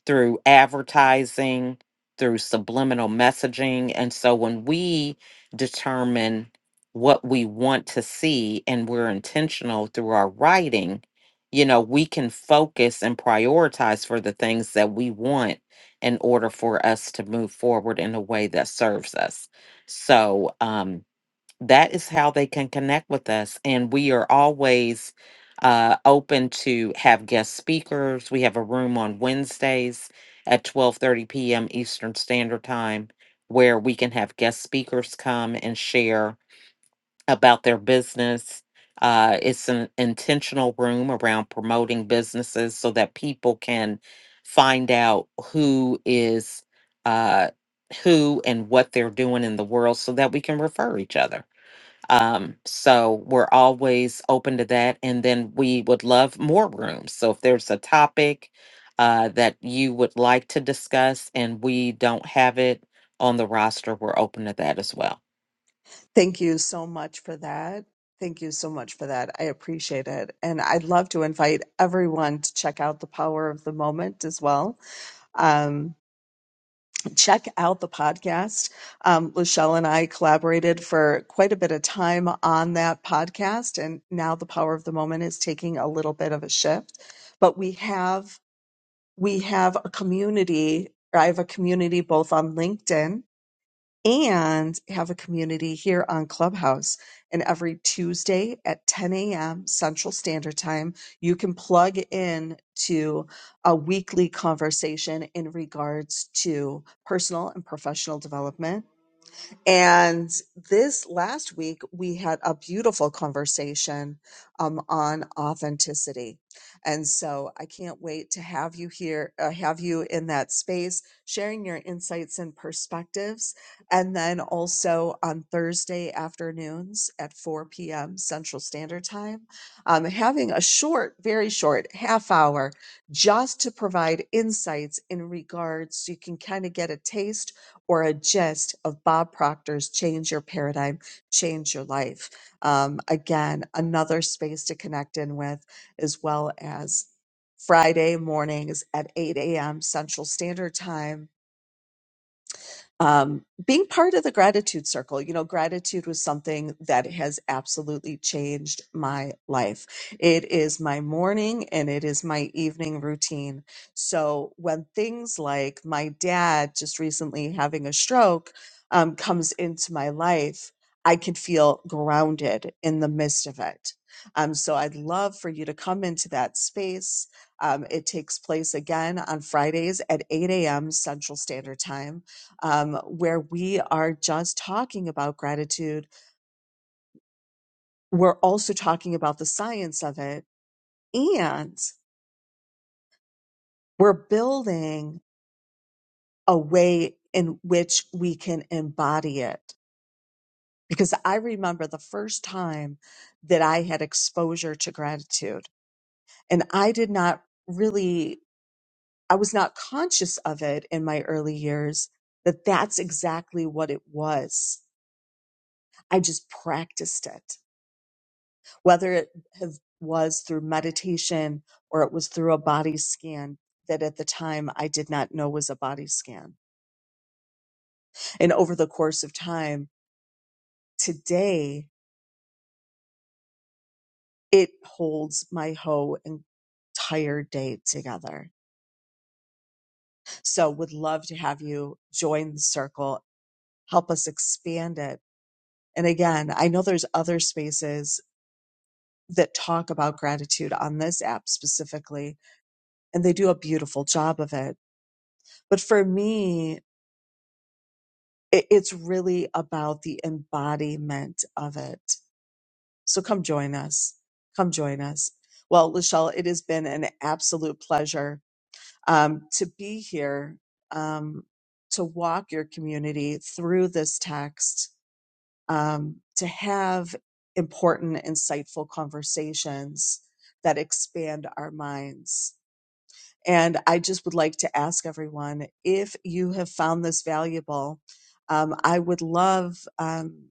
[SPEAKER 1] through advertising, through subliminal messaging. And so when we determine what we want to see and we're intentional through our writing, you know, we can focus and prioritize for the things that we want in order for us to move forward in a way that serves us. So, um, that is how they can connect with us. And we are always uh, open to have guest speakers. We have a room on Wednesdays at 12:30 p.m. Eastern Standard Time where we can have guest speakers come and share about their business. Uh, it's an intentional room around promoting businesses so that people can find out who is uh, who and what they're doing in the world so that we can refer each other. Um, so we're always open to that. And then we would love more rooms. So if there's a topic uh, that you would like to discuss and we don't have it on the roster, we're open to that as well.
[SPEAKER 2] Thank you so much for that. Thank you so much for that. I appreciate it. And I'd love to invite everyone to check out The Power of the Moment as well. Um, check out the podcast. Um, Lachelle and I collaborated for quite a bit of time on that podcast. And now The Power of the Moment is taking a little bit of a shift. But we have, we have a community. I have a community both on LinkedIn and have a community here on Clubhouse. And every Tuesday at 10 a.m. Central Standard Time, you can plug in to a weekly conversation in regards to personal and professional development and this last week, we had a beautiful conversation um, on authenticity. And so I can't wait to have you here, uh, have you in that space, sharing your insights and perspectives. And then also on Thursday afternoons at 4 p.m. Central Standard Time, um, having a short, very short half hour just to provide insights in regards so you can kind of get a taste or a gist of Bob Proctor's Change Your Paradigm, Change Your Life. Um, again, another space to connect in with, as well as Friday mornings at 8 a.m. Central Standard Time um, being part of the gratitude circle you know gratitude was something that has absolutely changed my life it is my morning and it is my evening routine so when things like my dad just recently having a stroke um, comes into my life i can feel grounded in the midst of it um, so i'd love for you to come into that space um, it takes place again on fridays at 8 a.m central standard time um, where we are just talking about gratitude. We're also talking about the science of it, and we're building a way in which we can embody it. Because I remember the first time that I had exposure to gratitude, and I did not really, I was not conscious of it in my early years that that's exactly what it was. I just practiced it. whether it have, was through meditation or it was through a body scan that at the time I did not know was a body scan. And over the course of time, today it holds my whole entire day together. So would love to have you join the circle, help us expand it. And again, I know there's other spaces that talk about gratitude on this app specifically, and they do a beautiful job of it. But for me, it, it's really about the embodiment of it. So come join us. Come join us. Well, Lachelle, it has been an absolute pleasure um, to be here um, to walk your community through this text, um, to have important, insightful conversations that expand our minds. And I just would like to ask everyone if you have found this valuable, um, I would love. um,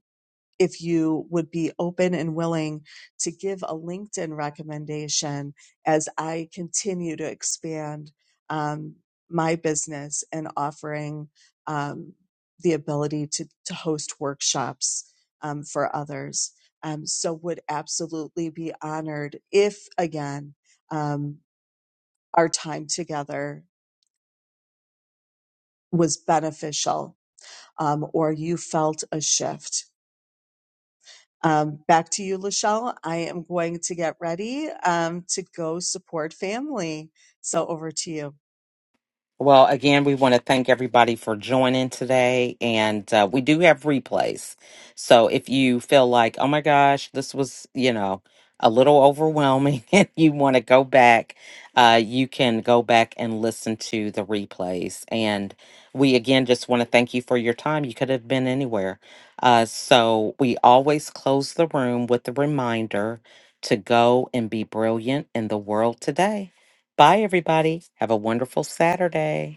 [SPEAKER 2] if you would be open and willing to give a LinkedIn recommendation as I continue to expand um, my business and offering um, the ability to, to host workshops um, for others. Um, so, would absolutely be honored if, again, um, our time together was beneficial um, or you felt a shift Um, back to you, Lachelle. I am going to get ready um, to go support family. So over to you.
[SPEAKER 1] Well, again, we want to thank everybody for joining today. And uh, we do have replays. So if you feel like, oh my gosh, this was, you know, a little overwhelming and you want to go back, uh, you can go back and listen to the replays. And we, again, just want to thank you for your time. You could have been anywhere. Uh, so we always close the room with the reminder to go and be brilliant in the world today. Bye, everybody. Have a wonderful Saturday.